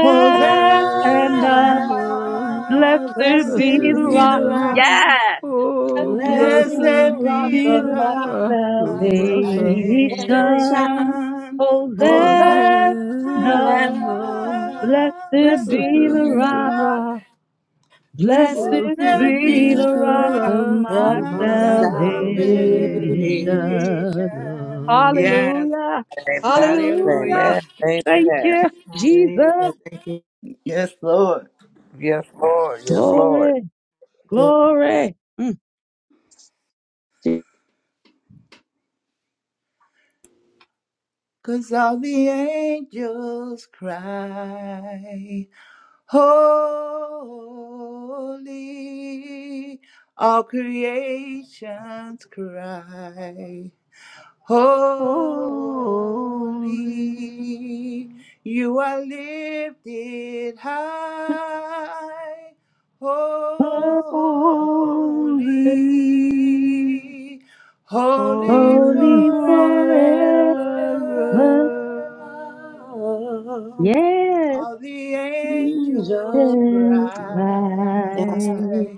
Hosanna,
Hosanna,
Blessed
Blessed
blessed
be
be
the
blessed
be
be
rock.
the
the
the
rock,
rock.
rock,
Yes.
Oh,
Blessed
blessed
blessed
be the
blessed
rock
be
be the
be
of
the
my
rock.
rock,
rock of
our
Lord,
my
I
salvation.
will shout
salvation.
salvation.
for
Hosanna,
Hosanna.
Hosanna.
Blessed
Blessed
Blessed
blessed
be
be
be
the
be
the
the
the
rock.
rock,
rock,
rock.
Blessed
blessed
Blessed
blessed be
be
be
be
the
the
the
rock
the
rock
rock
of
rock
of
my
of
of
my
my
my
salvation.
salvation.
salvation.
salvation.
The
Yes,
Hallelujah.
Amen.
hallelujah.
Hallelujah.
Amen.
Thank
Amen.
you,
Hallelujah.
Jesus.
Thank you.
Yes, Lord.
Yes, Lord. Yes, Lord.
Glory,
Lord.
glory.
Cause all the angels cry, Holy, all creations cry, Holy,
holy,
you are lifted high.
Mm.
holy,
Holy, holy
holy
Holy
forever.
forever.
forever,
Forever,
yes,
All the angels
angels,
just
cry,
The
yes,
Christ.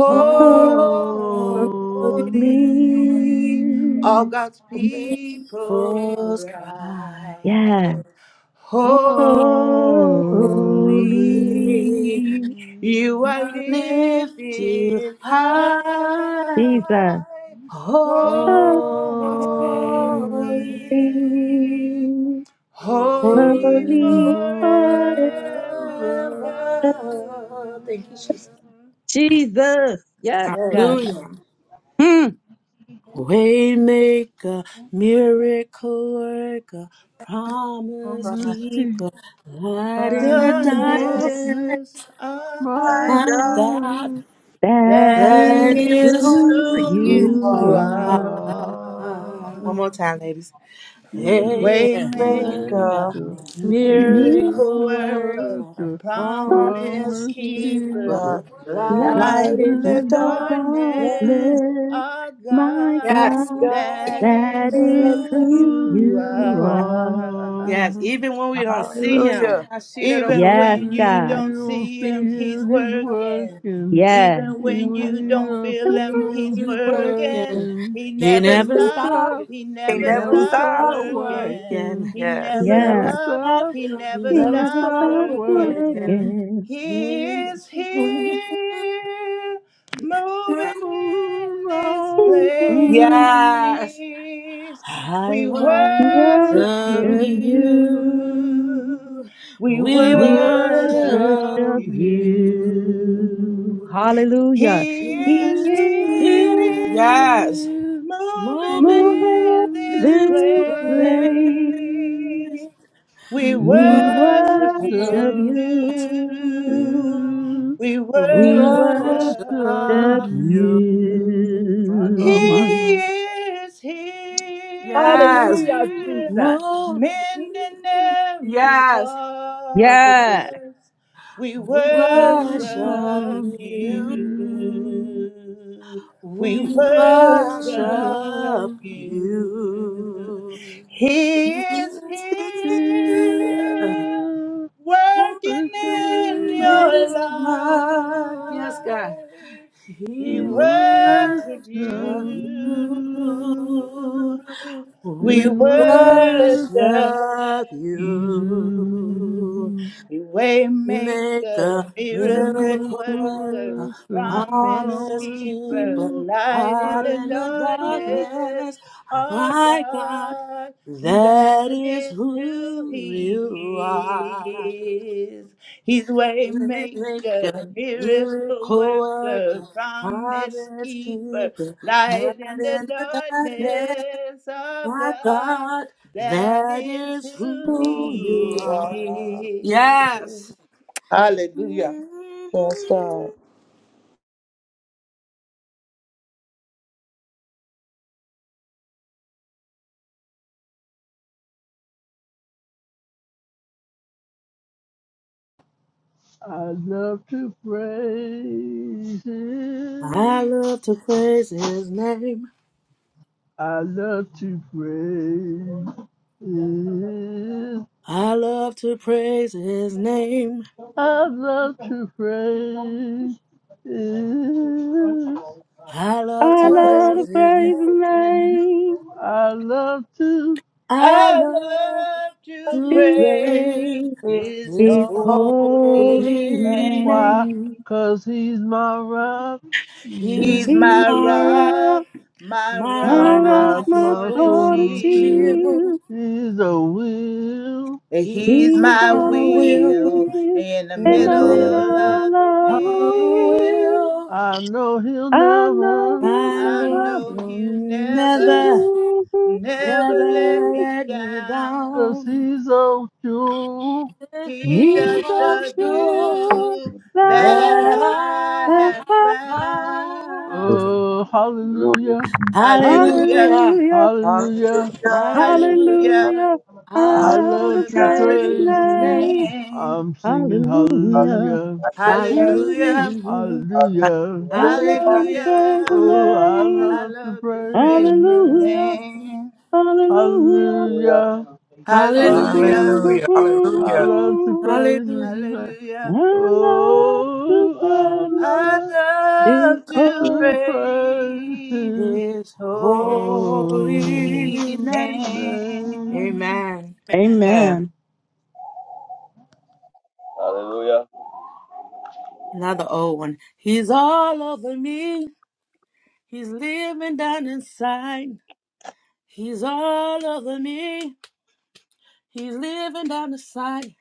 holy,
Holy,
Holy,
All God's people
false
cry,
cry.
yeah,
Holy,
holy.
holy,
You
holy.
are
I lift you
lifted high,
high.
Jesus,
Holy,
Holy,
holy,
holy holy
holy
holy
holy
forever.
forever.
forever,
forever.
Thank you, Jesus. Yeah.
Jesus,
Yes,
yes,
Lord.
God.
Hallelujah.
Hmm.
Waymaker, miracle worker,
From
promise
this key,
keeper, light
The
in the
and
Yes,
darkness,
darkness,
Darkness of
my
My
my
God,
God,
God,
God,
That
that
that
that
is
is
is
is.
who
who
who
who
You
you
you
you
are,
you
are.
are.
are
are.
One
to
more time, ladies.
You
Hey, yeah.
Waymaker,
Make a
maker,
maker,
me
miracle
miracle
miracle
worker,
worker,
worker,
oh,
a
promise
promise
promise
keeper,
keeper,
keeper,
keeper.
light.
light
light
Light in
Light
in
in the
in
the
the
the
dark.
darkness,
darkness,
darkness,
our
my
God,
My
Yes,
God,
that
God,
this
that
is
is
is
who
who
who
you
you
you
are.
are.
yes.
are.
Even when we don't see him,
hallelujah.
I see that
Even
Uncle.
Yes,
when you
God.
don't
You don't
see
see
him,
See,
he's
him, he's
working.
working.
Yes.
Even
Even
when
when
you
you
don't
don't
feel
feel
him, he's
him,
he's
he's
working.
working.
working.
He
He
never
never
Never
stopped.
stopped.
stop,
He
He
He
never
never
never
never
stopped
stops.
stopped
stop
working.
working.
working.
He
Yeah.
He
never
never
Never
Yes.
stopped.
stopped.
stop,
He
He
never
He
never
never
never
stopped
stopped
stop
stops
working.
working.
working.
working.
He is here, moving
Yes,
in this
Oh, my
Mm-mm.
praise.
place.
I
We
I
worship
worship
worship
Worship
you.
you.
you.
you.
We
We
We
We
worship
worship
worship
worship
you.
you.
you.
you.
Hallelujah.
He
He
is
This
is here
here,
Yes,
is
moving
all
moving
in
moving in
this
in
this
this
this
place.
place.
place.
place. We
We
We
We
worship
worship.
worship
worship
Yes,
you.
you.
you.
We
we
We worship
worship
Worship
worship you.
you.
you. My
He
God, my
you.
God.
is here,
Yes,
Hallelujah, Jesus.
move.
mending every
Yes, thank you, Jesus.
Yes.
heart. We
We worship
worship
Worship
you.
you.
you.
Mr.
We
With
We
worship
worship
you.
you.
He is
Is
here
here
working in
in
your
this
life.
mind. Yes, God.
We
He
worship
worship
you.
you.
We
We
worship
worship
you.
you.
You
Maker,
waymaker, miracle
miracle
worker
worker,
the
promise
promise
promise
keeper,
keeper,
you
light in
light
the
in the
I
darkness.
darkness. Oh
Our
My God,
God,
that
that
is
is who
who
He
you are.
is. He's way
Maker,
maker, miracle
miracle
worker,
worker,
promise
promise
keeper,
keeper,
light
light
in the
in the darkness.
darkness. Our
My
God,
God,
that
that
is
is
who
who
Who
you
you
are.
are,
He is.
Yes.
Hallelujah.
yes, God.
I love to praise
I
Him.
love to praise his name.
I love to praise Him.
I love to praise his name.
I love to praise Him.
I love
I
I
to
Praise
love
love
praise
to
to
his name.
praise the
praise him.
name
I love to.
I
I
love
love
the
to
to
to
praise
praise
praise
Lord.
his
his
his
Hallelujah,
holy
holy
holy
name.
why?
name.
name.
'Cause He's my rock.
He's
He's
He's
He's
my
my
my rock,
rock,
rock,
my
my
my
rock,
my
rock,
my
rock,
my
rock,
my
my
sword and
soul's
sword and
soul,
shield.
shield.
shield.
shield.
He's a will.
And
He's
He's
He's
my
my
will
will
wheel
live
in the
in
in
the
middle
the
middle
Hallelujah.
middle
of the
of
of
the
the
week.
wheel.
will.
I know He'll
I know
never.
he'll
My
I
Lord
never
know
will
he'll
never
never,
leave.
never
Never
let me
let me
down.
Cause
down.
He's a jewel.
If
He's
you
He's
just
are
a
the
true
God
Jew
that
that
that
I
I
I
have
have
have
found.
found.
found.
Oh, hallelujah,
Hallelujah,
Hallelujah.
Hallelujah,
hallelujah.
hallelujah,
Hallelujah.
hallelujah,
hallelujah. I
I
Hallelujah.
love to
love
love to
to
praise
Praise
his
praise
praise
his
his
him.
name.
name.
name.
I'm singing
Hallelujah.
Hallelujah.
hallelujah,
hallelujah.
Hallelujah.
Hallelujah,
mm
hallelujah.
I love to
Hallelujah.
praise his
Oh,
hallelujah,
I
name.
I
Hallelujah.
love to
love to
praise
praise
his
his
Hallelujah.
name.
name.
Hallelujah.
Hallelujah,
Hallelujah.
Hallelujah,
hallelujah. I
hallelujah.
love to praise his
Hallelujah.
name.
hallelujah.
And I to
Oh, I
praise
I
love
his
love to
to
holy-
praise
praise
his
his
His
holy
holy
holy name.
name.
name.
Amen.
Amen.
Another old one. He's all over me. He's living down inside. He's all over me. He's living down the side.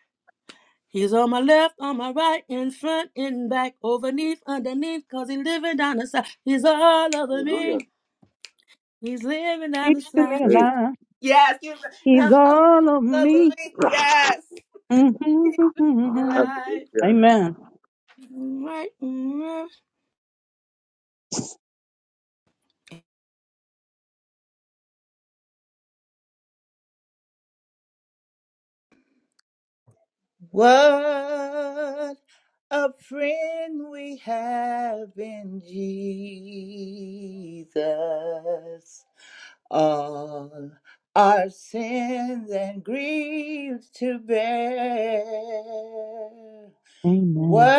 He's on my left, on my right, in front, in back, overneath, underneath, cause he's living down the side. He's all over
Hallelujah.
me. He's living down
He's
the
keeping
side.
me
Hey.
alive.
Yes, you
He's
all
all of
over
me.
me. Yes.
Mm-hmm.
Alive.
Hallelujah.
Amen.
Right. right.
What a friend we have in Jesus. All our sins and griefs to bear. What
Amen.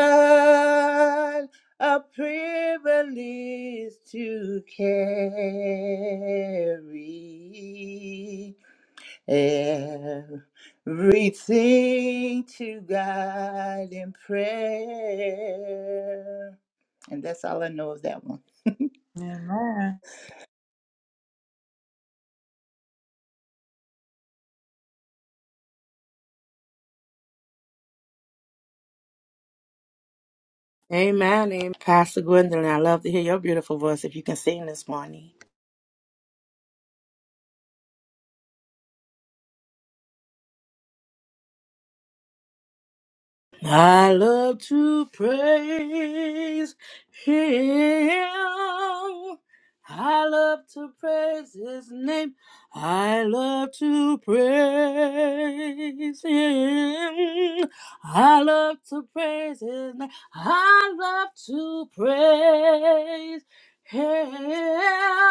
a privilege to carry everything to God in prayer. And that's all I know of that one.
Amen. Amen. Pastor Gwendolyn, I love to hear your beautiful voice if you can sing this morning. I love to praise Him. I love to praise His name. I love to praise Him. I love to praise His name. I love to praise Him.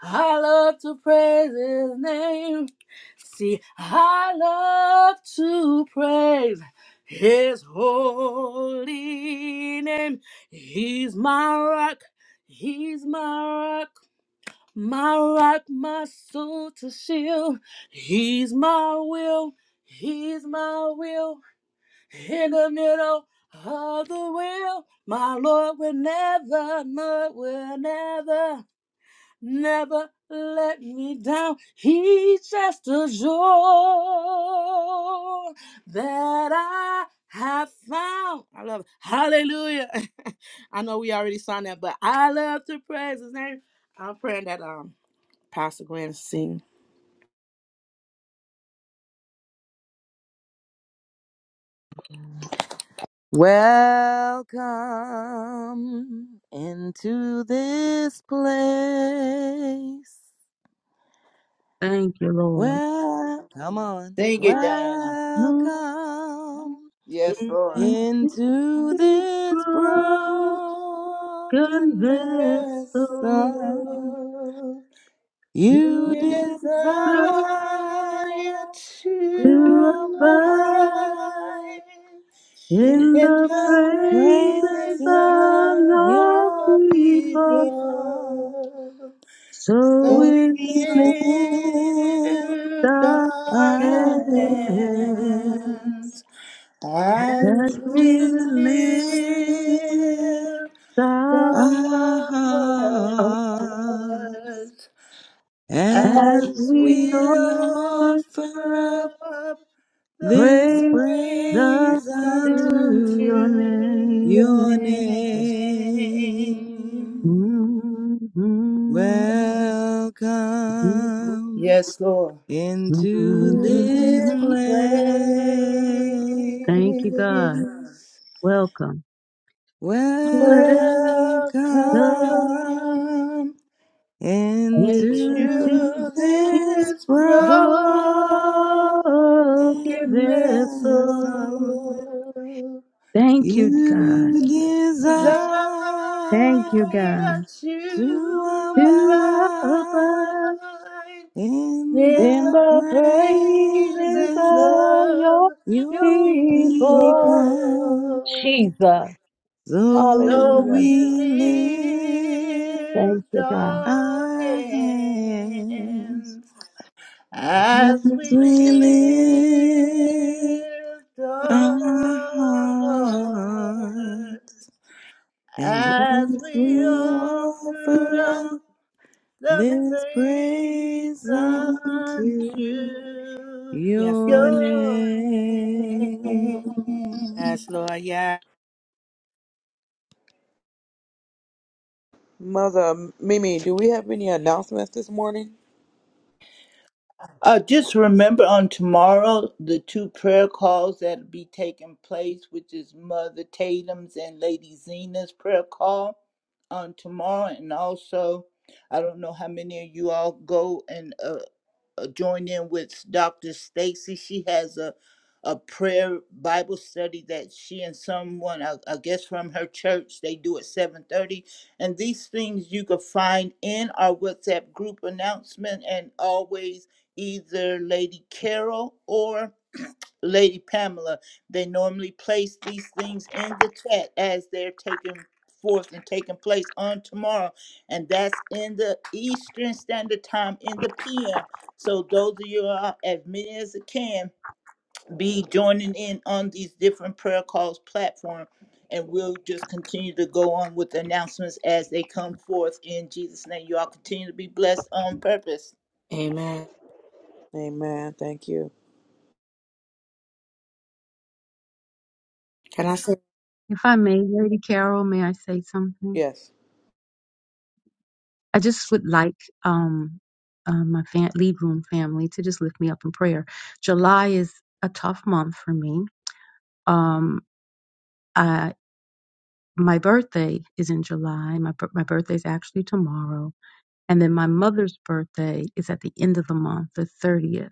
I love to praise His name. See, I love to praise. His holy name, He's my rock, He's my rock, my rock, my soul to shield. He's my will, He's my will. In the middle of the will, my Lord will never, Lord will never never let me down. He's just a joy that I have found. I love it. Hallelujah. I know we already sung that, but I love to praise his name. I'm praying that um Pastor Gwen sing.
Welcome into this place.
Thank you, Lord.
Well, come on.
Sing it, Diana.
Welcome
Yes, Lord.
into
Into
this broken
broken
The
vessel,
vessel.
vessel
You
you
You
desire
desire
deserve
to
to
to
abide
abide
In
in
in
the
the
the
praises
praises
praises
of
of
of
your
your
your
people,
people,
people.
so
So
so
we
we
we lift
lift
stand.
our
our hands
hands as
As
as
we
we
we
lift
lift
bow,
our
our
as
hearts
hearts. As
as
we
we
we
offer
offer up
offer up the
this
praise up
praise
praise
to
unto
unto
your
your
your
name.
Yes,
name.
name.
Mm-hmm.
Welcome
Yes, Lord.
into
To
this
this
place.
Thank you, God.
place,
Welcome. Let
Welcome
welcome, and to
us
into this
be
this broken
broken
broken
Hallelujah.
vessel.
vessel.
vessel.
Thank you, God.
You
desire
yes,
desire
Thank you, God.
to
to
To
abide.
abide
abide
In
in
in
the
the
the praises
praises
presence
of
of
of
your
your
your
people.
people,
people.
Jesus.
so
So
Hallelujah.
we
we lift
Thank
lift
you, God.
our
our hands
hands as
as
we
we lift
lift our
our
hearts
hearts, and
as
as we
we offer
offer up
up the
this
praise
praise unto
unto
yes, Lord.
Your name.
your name.
Yes, Lord. Yeah.
Mother Mimi, do we have any announcements this morning?
Uh, just remember on tomorrow the two prayer calls that'll be taking place, which is Mother Tatum's and Lady Zena's prayer call on tomorrow, and also I don't know how many of you all go and uh, uh, join in with Dr. Stacy. She has a a prayer Bible study that she and someone, I, I guess from her church, they do at 7:30. And these things you can find in our WhatsApp group announcement, and always either Lady Carol or Lady Pamela, they normally place these things in the chat as they're taken forth and taking place on tomorrow. And that's in the Eastern Standard Time in the PM. So those of you are as many as it can be in platform. And with
Amen.
Amen. Thank you.
Can I say
If I may, Lady Carol, may I say something?
Yes.
I just would like um, um, my fam- lead room family to just lift me up in prayer. July is a tough month for me um i my birthday is in july my bir- my birthday is actually tomorrow and then my mother's birthday is at the end of the month the 30th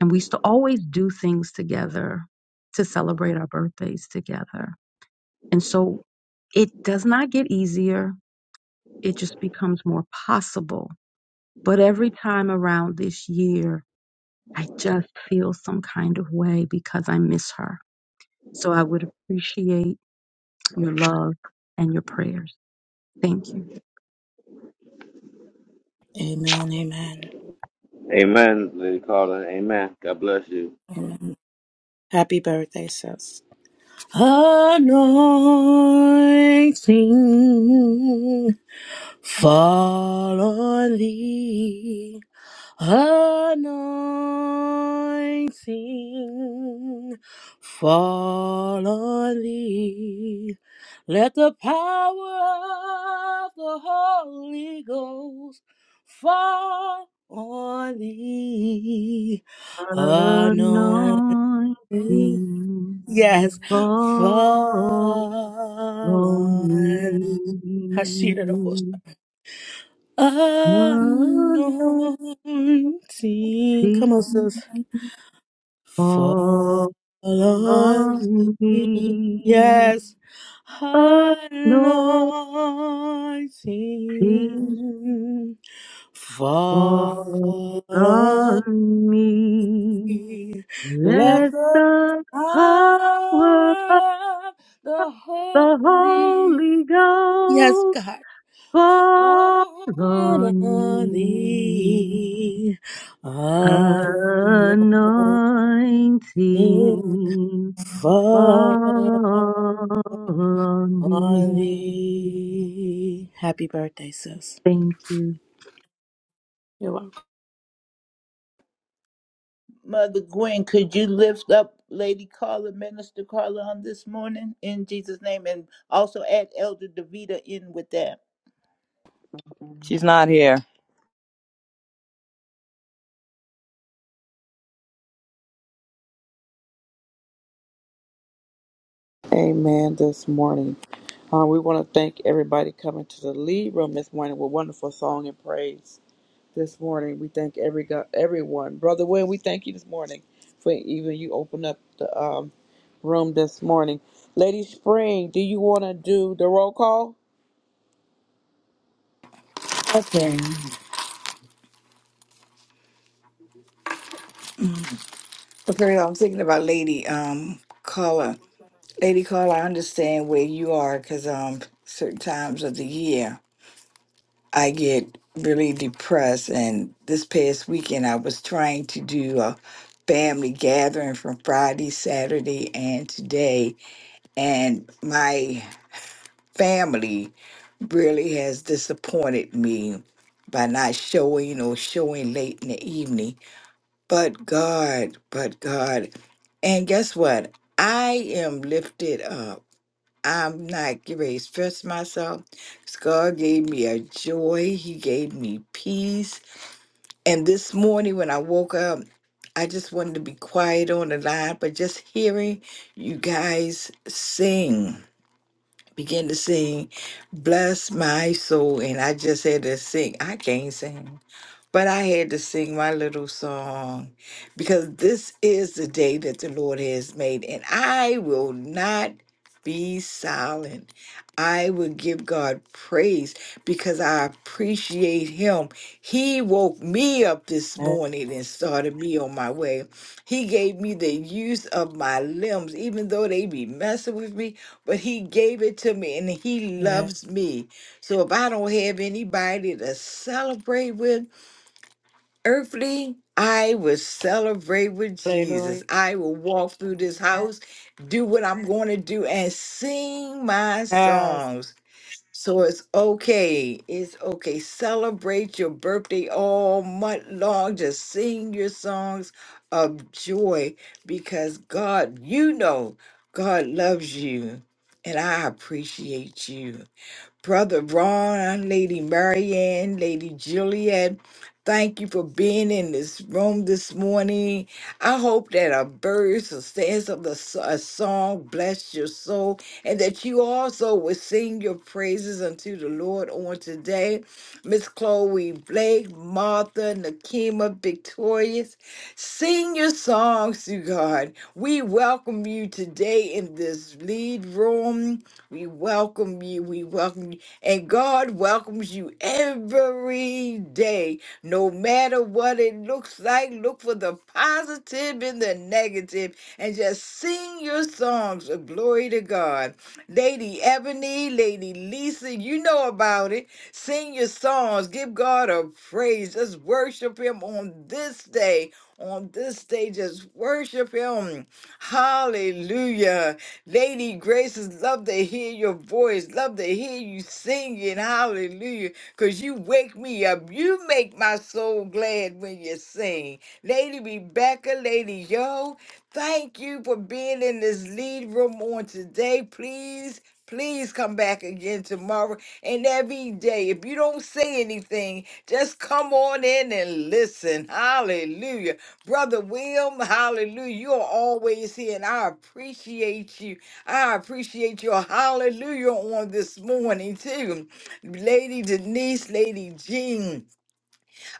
and we used to always do things together to celebrate our birthdays together and so it does not get easier it just becomes more possible but every time around this year i just feel some kind of way because i miss her so i would appreciate your love and your prayers thank you
amen? Amen.
Amen, Lady Carla. Amen. God bless you.
Amen. Happy birthday, sis. Anointing fall on thee. Anointing fall on thee. Let the power of the Holy Ghost fall on thee. Anointing
Anointing
Yes.
fall on
Follow Hashira the Ghost.
me. Anointing fall on me. Anointing
Anointing. Come on, sis.
fall
Fall on
on
me.
me.
Yes. Anointing. Fall Let
Let
the
the power of
power of the
the
Holy
Holy Ghost
Yes, God.
Fall on
Hold on
me,
thee, anointing
anointing,
fall
Fall on
on
me.
thee. Happy birthday, sis.
Thank you.
You're welcome.
Mother Gwen, could you lift up Lady Carla, Minister Carla on this morning in Jesus' name and also add Elder Davita in with that.
She's not here.
Amen. This morning, uh, we want to thank everybody coming to the lead room this morning with wonderful song and praise. This morning, we thank every go- everyone, brother. Wayne, we thank you this morning for even you open up the um, room this morning, Lady Spring. Do you want to do the roll call?
Okay. Okay, I'm thinking about Lady um Carla. Lady Carla, I understand where you are because um certain times of the year I get really depressed and this past weekend I was trying to do a family gathering from Friday, Saturday and today and my family really has disappointed me by not showing or showing late in the evening. But God, but God. And guess what? I am lifted up. I'm not getting ready to stress myself. God gave me a joy. He gave me peace. And this morning when I woke up, I just wanted to be quiet on the line, but just hearing you guys sing, begin to sing, bless my soul. And I just had to sing. I can't sing. But I had to sing my little song because this is the day that the Lord has made, and I will not be silent. I will give God praise because I appreciate Him. He woke me up this
Amen.
morning and started me on my way. He gave me the use of my limbs, even though they be messing with me, but He gave it to me and He
Yeah.
loves me. So if I don't have anybody to celebrate with, earthly, I will celebrate with Jesus.
Hallelujah.
I will walk through this house, do what I'm going to do, and sing my
Yes.
songs. So it's okay. It's okay. Celebrate your birthday all month long. Just sing your songs of joy because God, you know, God loves you. And I appreciate you. Brother Ron, Lady Marianne, Lady Juliet. Thank you for being in this room this morning. I hope that a verse a stanza of the so- a song bless your soul, and that you also will sing your praises unto the Lord on today. Miss Chloe Blake, Martha, Nakima, Victorious, sing your songs to God. We welcome you today in this lead room. We welcome you. We welcome you. And God welcomes you every day, no matter what it looks like. Look for the positive positive in the negative and just sing your songs of glory to God. Lady Ebony, Lady Lisa, you know about it. Sing your songs. Give God a praise. Just worship Him on this day. On this day, just worship Him. Hallelujah. They need graces. Love to hear your voice. Love to hear you singing. Hallelujah. Because you wake me up. You make my soul glad when you sing. Lady Rebecca, Lady Yo, thank you for being in this lead room on today. Please, please come back again tomorrow and every day. If you don't say anything, just come on in and listen. Hallelujah. Brother Wilm, hallelujah. You are always here, and I appreciate you. I appreciate your hallelujah on this morning, too. Lady Denise, Lady Jean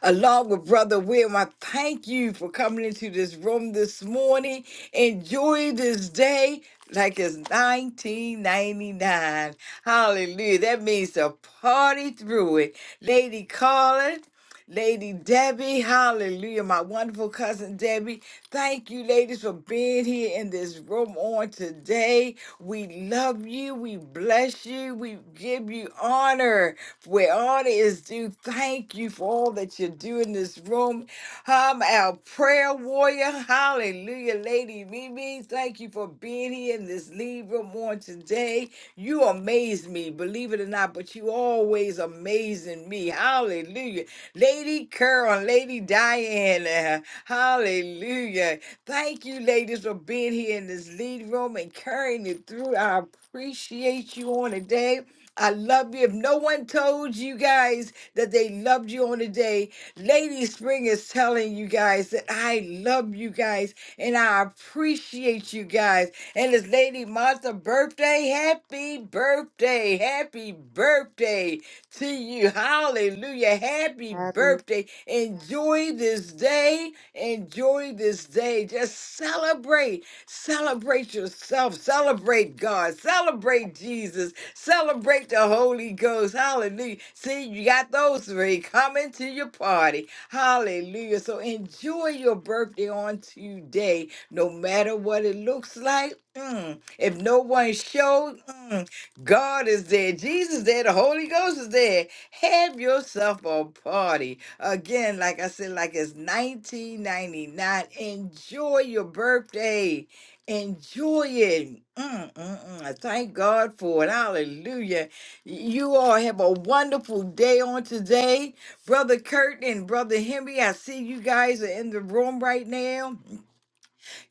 along with Brother William. I thank you for coming into this room this morning. Enjoy this day like it's 1999. Hallelujah. That means to party through it. Lady Carlin. Lady Debbie, hallelujah, my wonderful cousin Debbie. Thank you, ladies, for being here in this room on today. We love you. We bless you. We give you honor. Where honor is due, thank you for all that you do in this room. I'm our prayer warrior. Hallelujah, Lady Mimi. Thank you for being here in this lead room on today. You amaze me, believe it or not, but you always amazing me. Hallelujah. Lady Carol, and Lady Diana. Hallelujah. Thank you, ladies, for being here in this lead room and carrying it through. I appreciate you on today. I love you. If no one told you guys that they loved you on the day, Lady Spring is telling you guys that I love you guys and I appreciate you guys. And it's Lady Martha's birthday. Happy birthday. Happy birthday to you. Hallelujah. Happy
Happy.
birthday. Enjoy this day. Enjoy this day. Just celebrate. Celebrate yourself. Celebrate God. Celebrate Jesus Celebrate the Holy Ghost. Hallelujah. See, you got those three coming to your party. Hallelujah. So enjoy your birthday on today, no matter what it looks like. Mm. If no one showed, mm, God is there. Jesus is there. The Holy Ghost is there. Have yourself a party. Again, like I said, like it's 1999. Enjoy your birthday. Enjoy it. Mm, mm, mm. I thank God for it. Hallelujah. You all have a wonderful day on today. Brother Kurt and Brother Henry, I see you guys are in the room right now.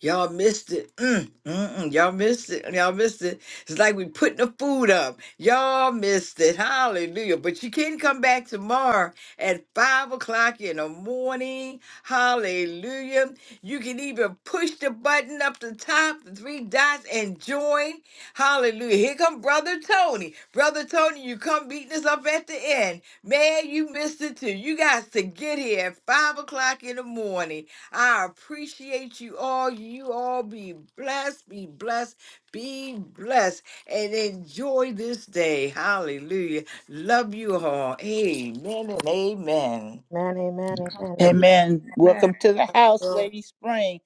Y'all missed it. Mm, mm-mm, y'all missed it. Y'all missed it. It's like we putting the food up. Y'all missed it. Hallelujah. But you can come back tomorrow at 5 o'clock in the morning. Hallelujah. You can even push the button up the top, the three dots, and join. Hallelujah. Here come Brother Tony. Brother Tony, you come beating us up at the end. Man, you missed it too. You got to get here at 5 o'clock in the morning. I appreciate you all. You all be blessed, be blessed, be blessed, and enjoy this day. Hallelujah. Love you all. Amen and amen.
Amen. Amen. Amen. Love you.
Amen.
Amen.
Welcome to the house, Lady Spring.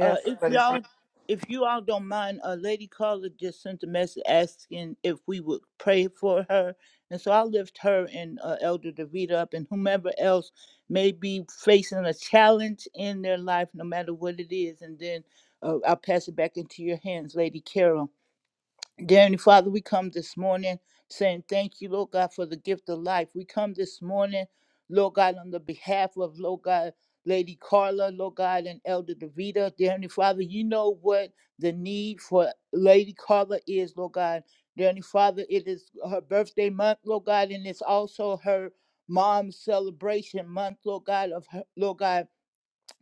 Uh, if
but it's
y'all, if you all don't mind, a Lady caller just sent a message asking if we would pray for her, and so I lift her and uh, Elder Davita up, and whomever else may be facing a challenge in their life, no matter what it is. And then uh, I'll pass it back into your hands, Lady Carol. Dear Heavenly Father, we come this morning saying thank you, Lord God, for the gift of life. We come this morning, Lord God, on the behalf of Lord God, Lady Carla, Lord God, and Elder Davida. Dear Heavenly Father, you know what the need for Lady Carla is, Lord God. Dear Heavenly Father, it is her birthday month, Lord God, and it's also her mom's celebration month, Lord God, of her, Lord God.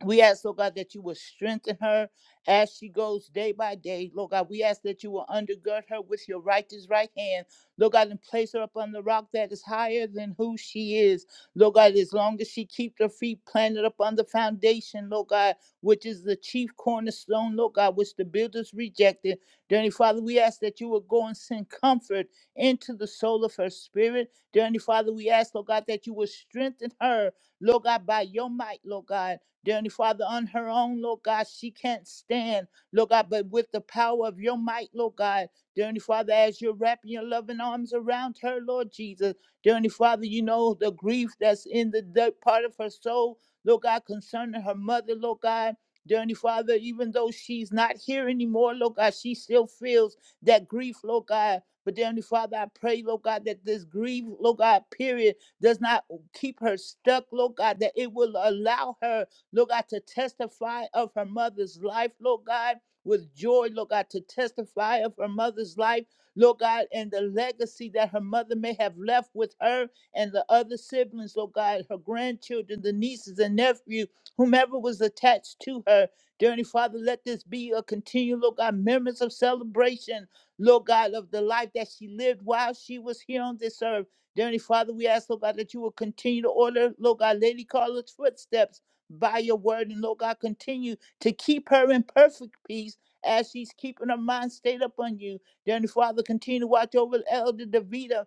We ask, Lord God, that you will strengthen her as she goes day by day. Lord God, we ask that you will undergird her with your righteous right hand. Lord God, and place her upon the rock that is higher than who she is. Lord God, as long as she keeps her feet planted upon the foundation, Lord God, which is the chief cornerstone, Lord God, which the builders rejected. Dearly Father, we ask that you will go and send comfort into the soul of her spirit. Dearly Father, we ask, Lord God, that you will strengthen her, Lord God, by your might, Lord God. Dear Heavenly Father, on her own, Lord God, she can't stand, Lord God, but with the power of your might, Lord God, Dear Heavenly Father, as you're wrapping your loving arms around her, Lord Jesus, Dear Heavenly Father, you know the grief that's in the dirt part of her soul, Lord God, concerning her mother, Lord God. Dear Heavenly Father, even though she's not here anymore, Lord God, she still feels that grief, Lord God. But dear Heavenly Father, I pray, Lord God, that this grief, Lord God, period, does not keep her stuck, Lord God, that it will allow her Lord God, to testify of her mother's life, Lord God, with joy, Lord God, to testify of her mother's life, Lord God, and the legacy that her mother may have left with her and the other siblings, Lord God, her grandchildren, the nieces and nephews, whomever was attached to her. Dear Heavenly Father, let this be a continual, Lord God, memories of celebration, Lord God, of the life that she lived while she was here on this earth. Dear Heavenly Father, we ask, Lord God, that you will continue to order, Lord God, Lady Carla's footsteps by your word. And Lord God, continue to keep her in perfect peace as she's keeping her mind stayed up on you. Dear Heavenly Father, continue to watch over Elder Davida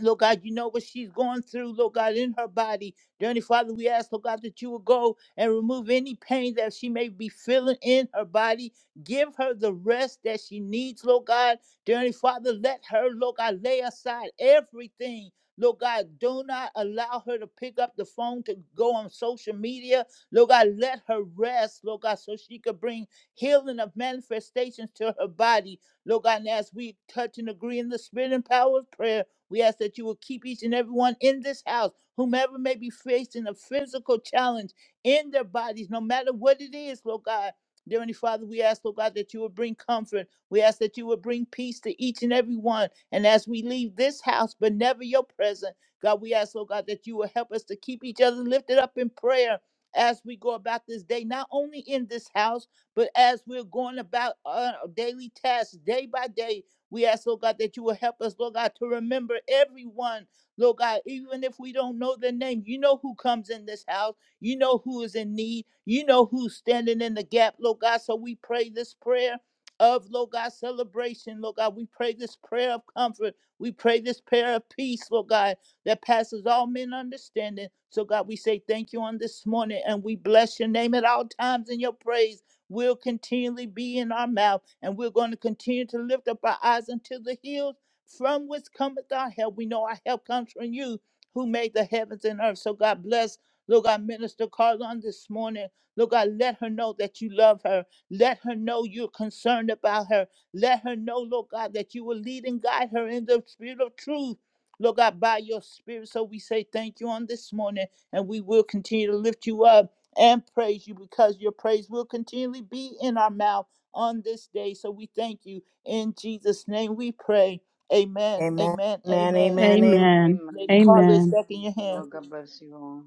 Lord God, you know what she's going through, Lord God, in her body. dear Dearly Father, we ask, Lord God, that you will go and remove any pain that she may be feeling in her body. Give her the rest that she needs, Lord God. dear Dearly Father, let her, Lord God, lay aside everything. Lord God, do not allow her to pick up the phone to go on social media. Lord God, let her rest, Lord God, so she could bring healing of manifestations to her body. Lord God, and as we touch and agree in the spirit and power of prayer, we ask that you will keep each and everyone in this house, whomever may be facing a physical challenge in their bodies, no matter what it is, Lord God. Dear Heavenly Father, we ask, Lord God, that you would bring comfort. We ask that you would bring peace to each and every one. And as we leave this house, but never your presence, God, we ask, Lord God, that you will help us to keep each other lifted up in prayer as we go about this day, not only in this house, but as we're going about our daily tasks, day by day, we ask, Lord God, that you will help us, Lord God, to remember everyone, Lord God, even if we don't know their name. You know who comes in this house. You know who is in need. You know who's standing in the gap, Lord God. So we pray this prayer of, Lord God, celebration, Lord God. We pray this prayer of comfort. We pray this prayer of peace, Lord God, that passes all men understanding. So, God, we say thank you on this morning and we bless your name at all times in your praise will continually be in our mouth, and we're going to continue to lift up our eyes unto the hills from which cometh our help. We know our help comes from you who made the heavens and earth. So God bless. Lord God, Minister Carla this morning. Lord God, let her know that you love her. Let her know you're concerned about her. Let her know, Lord God, that you will lead and guide her in the spirit of truth. Lord God, by your spirit. So we say thank you on this morning, and we will continue to lift you up and praise you because your praise will continually be in our mouth on this day. So we thank you. In Jesus' name we pray. Amen.
Amen.
Amen.
Amen.
Amen.
Amen.
Amen.
Lady
Amen.
Carla, it's
Amen.
back in your hand.
Lord, God bless you all.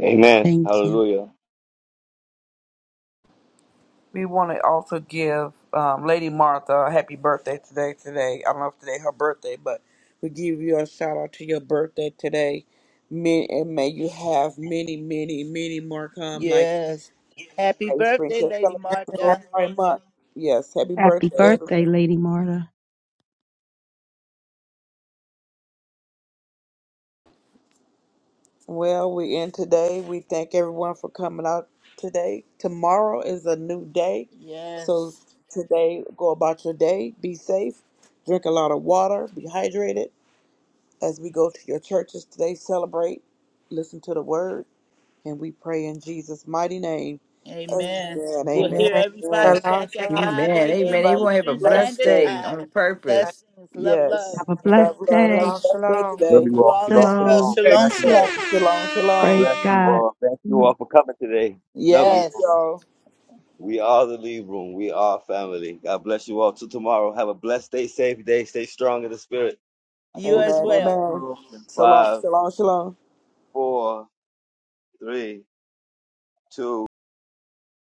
Amen.
Thank you.
Hallelujah.
We want to also give um, Lady Martha a happy birthday today. Today, I don't know if today her birthday, but we give you a shout out to your birthday today. May, and may you have many, many, many more come. Like
Yes. Happy
Lady Spring
birthday,
said,
Lady
celebrate your
Martha.
birthday month. Yes, happy
Happy
birthday,
birthday,
everyone.
Lady Marta.
Well, we end today. We thank everyone for coming out today. Tomorrow is a new day,
Yes.
so today go about your day. Be safe. Drink a lot of water. Be hydrated As we go to your churches today, celebrate, listen to the word, and we pray in Jesus' mighty name.
Amen.
Amen.
We'll
Amen.
Amen.
hear
Amen.
everybody
Shalom,
back at
shalom.
5
Amen. Amen.
a.m.
Everybody
Everyone
be
have a
Eastern
blessed
Blessings.
blessed
Standard
today.
day
Time.
on
Blessings.
purpose.
Love, love.
Yes.
Have a
Amen.
blessed
Love, love. Have
day.
Shalom,
a blessed day
shalom.
Love you
You
today.
all.
all
Shalom,
as well.
shalom.
Shalom.
Okay.
Shalom,
Bless you.
shalom.
Yes. Shalom,
I
shalom.
Praise
bless you
God.
all. Thank you all for coming today. Love you
Thank
Yes.
all.
y'all.
We are the lead room. We are family. God bless you all. Till tomorrow. Have a blessed day, safe day. Stay strong in the spirit. I can
You
move
as
the
Amen.
room with
well.
Amen.
close in
Shalom,
five.
shalom, shalom.
four, three, two.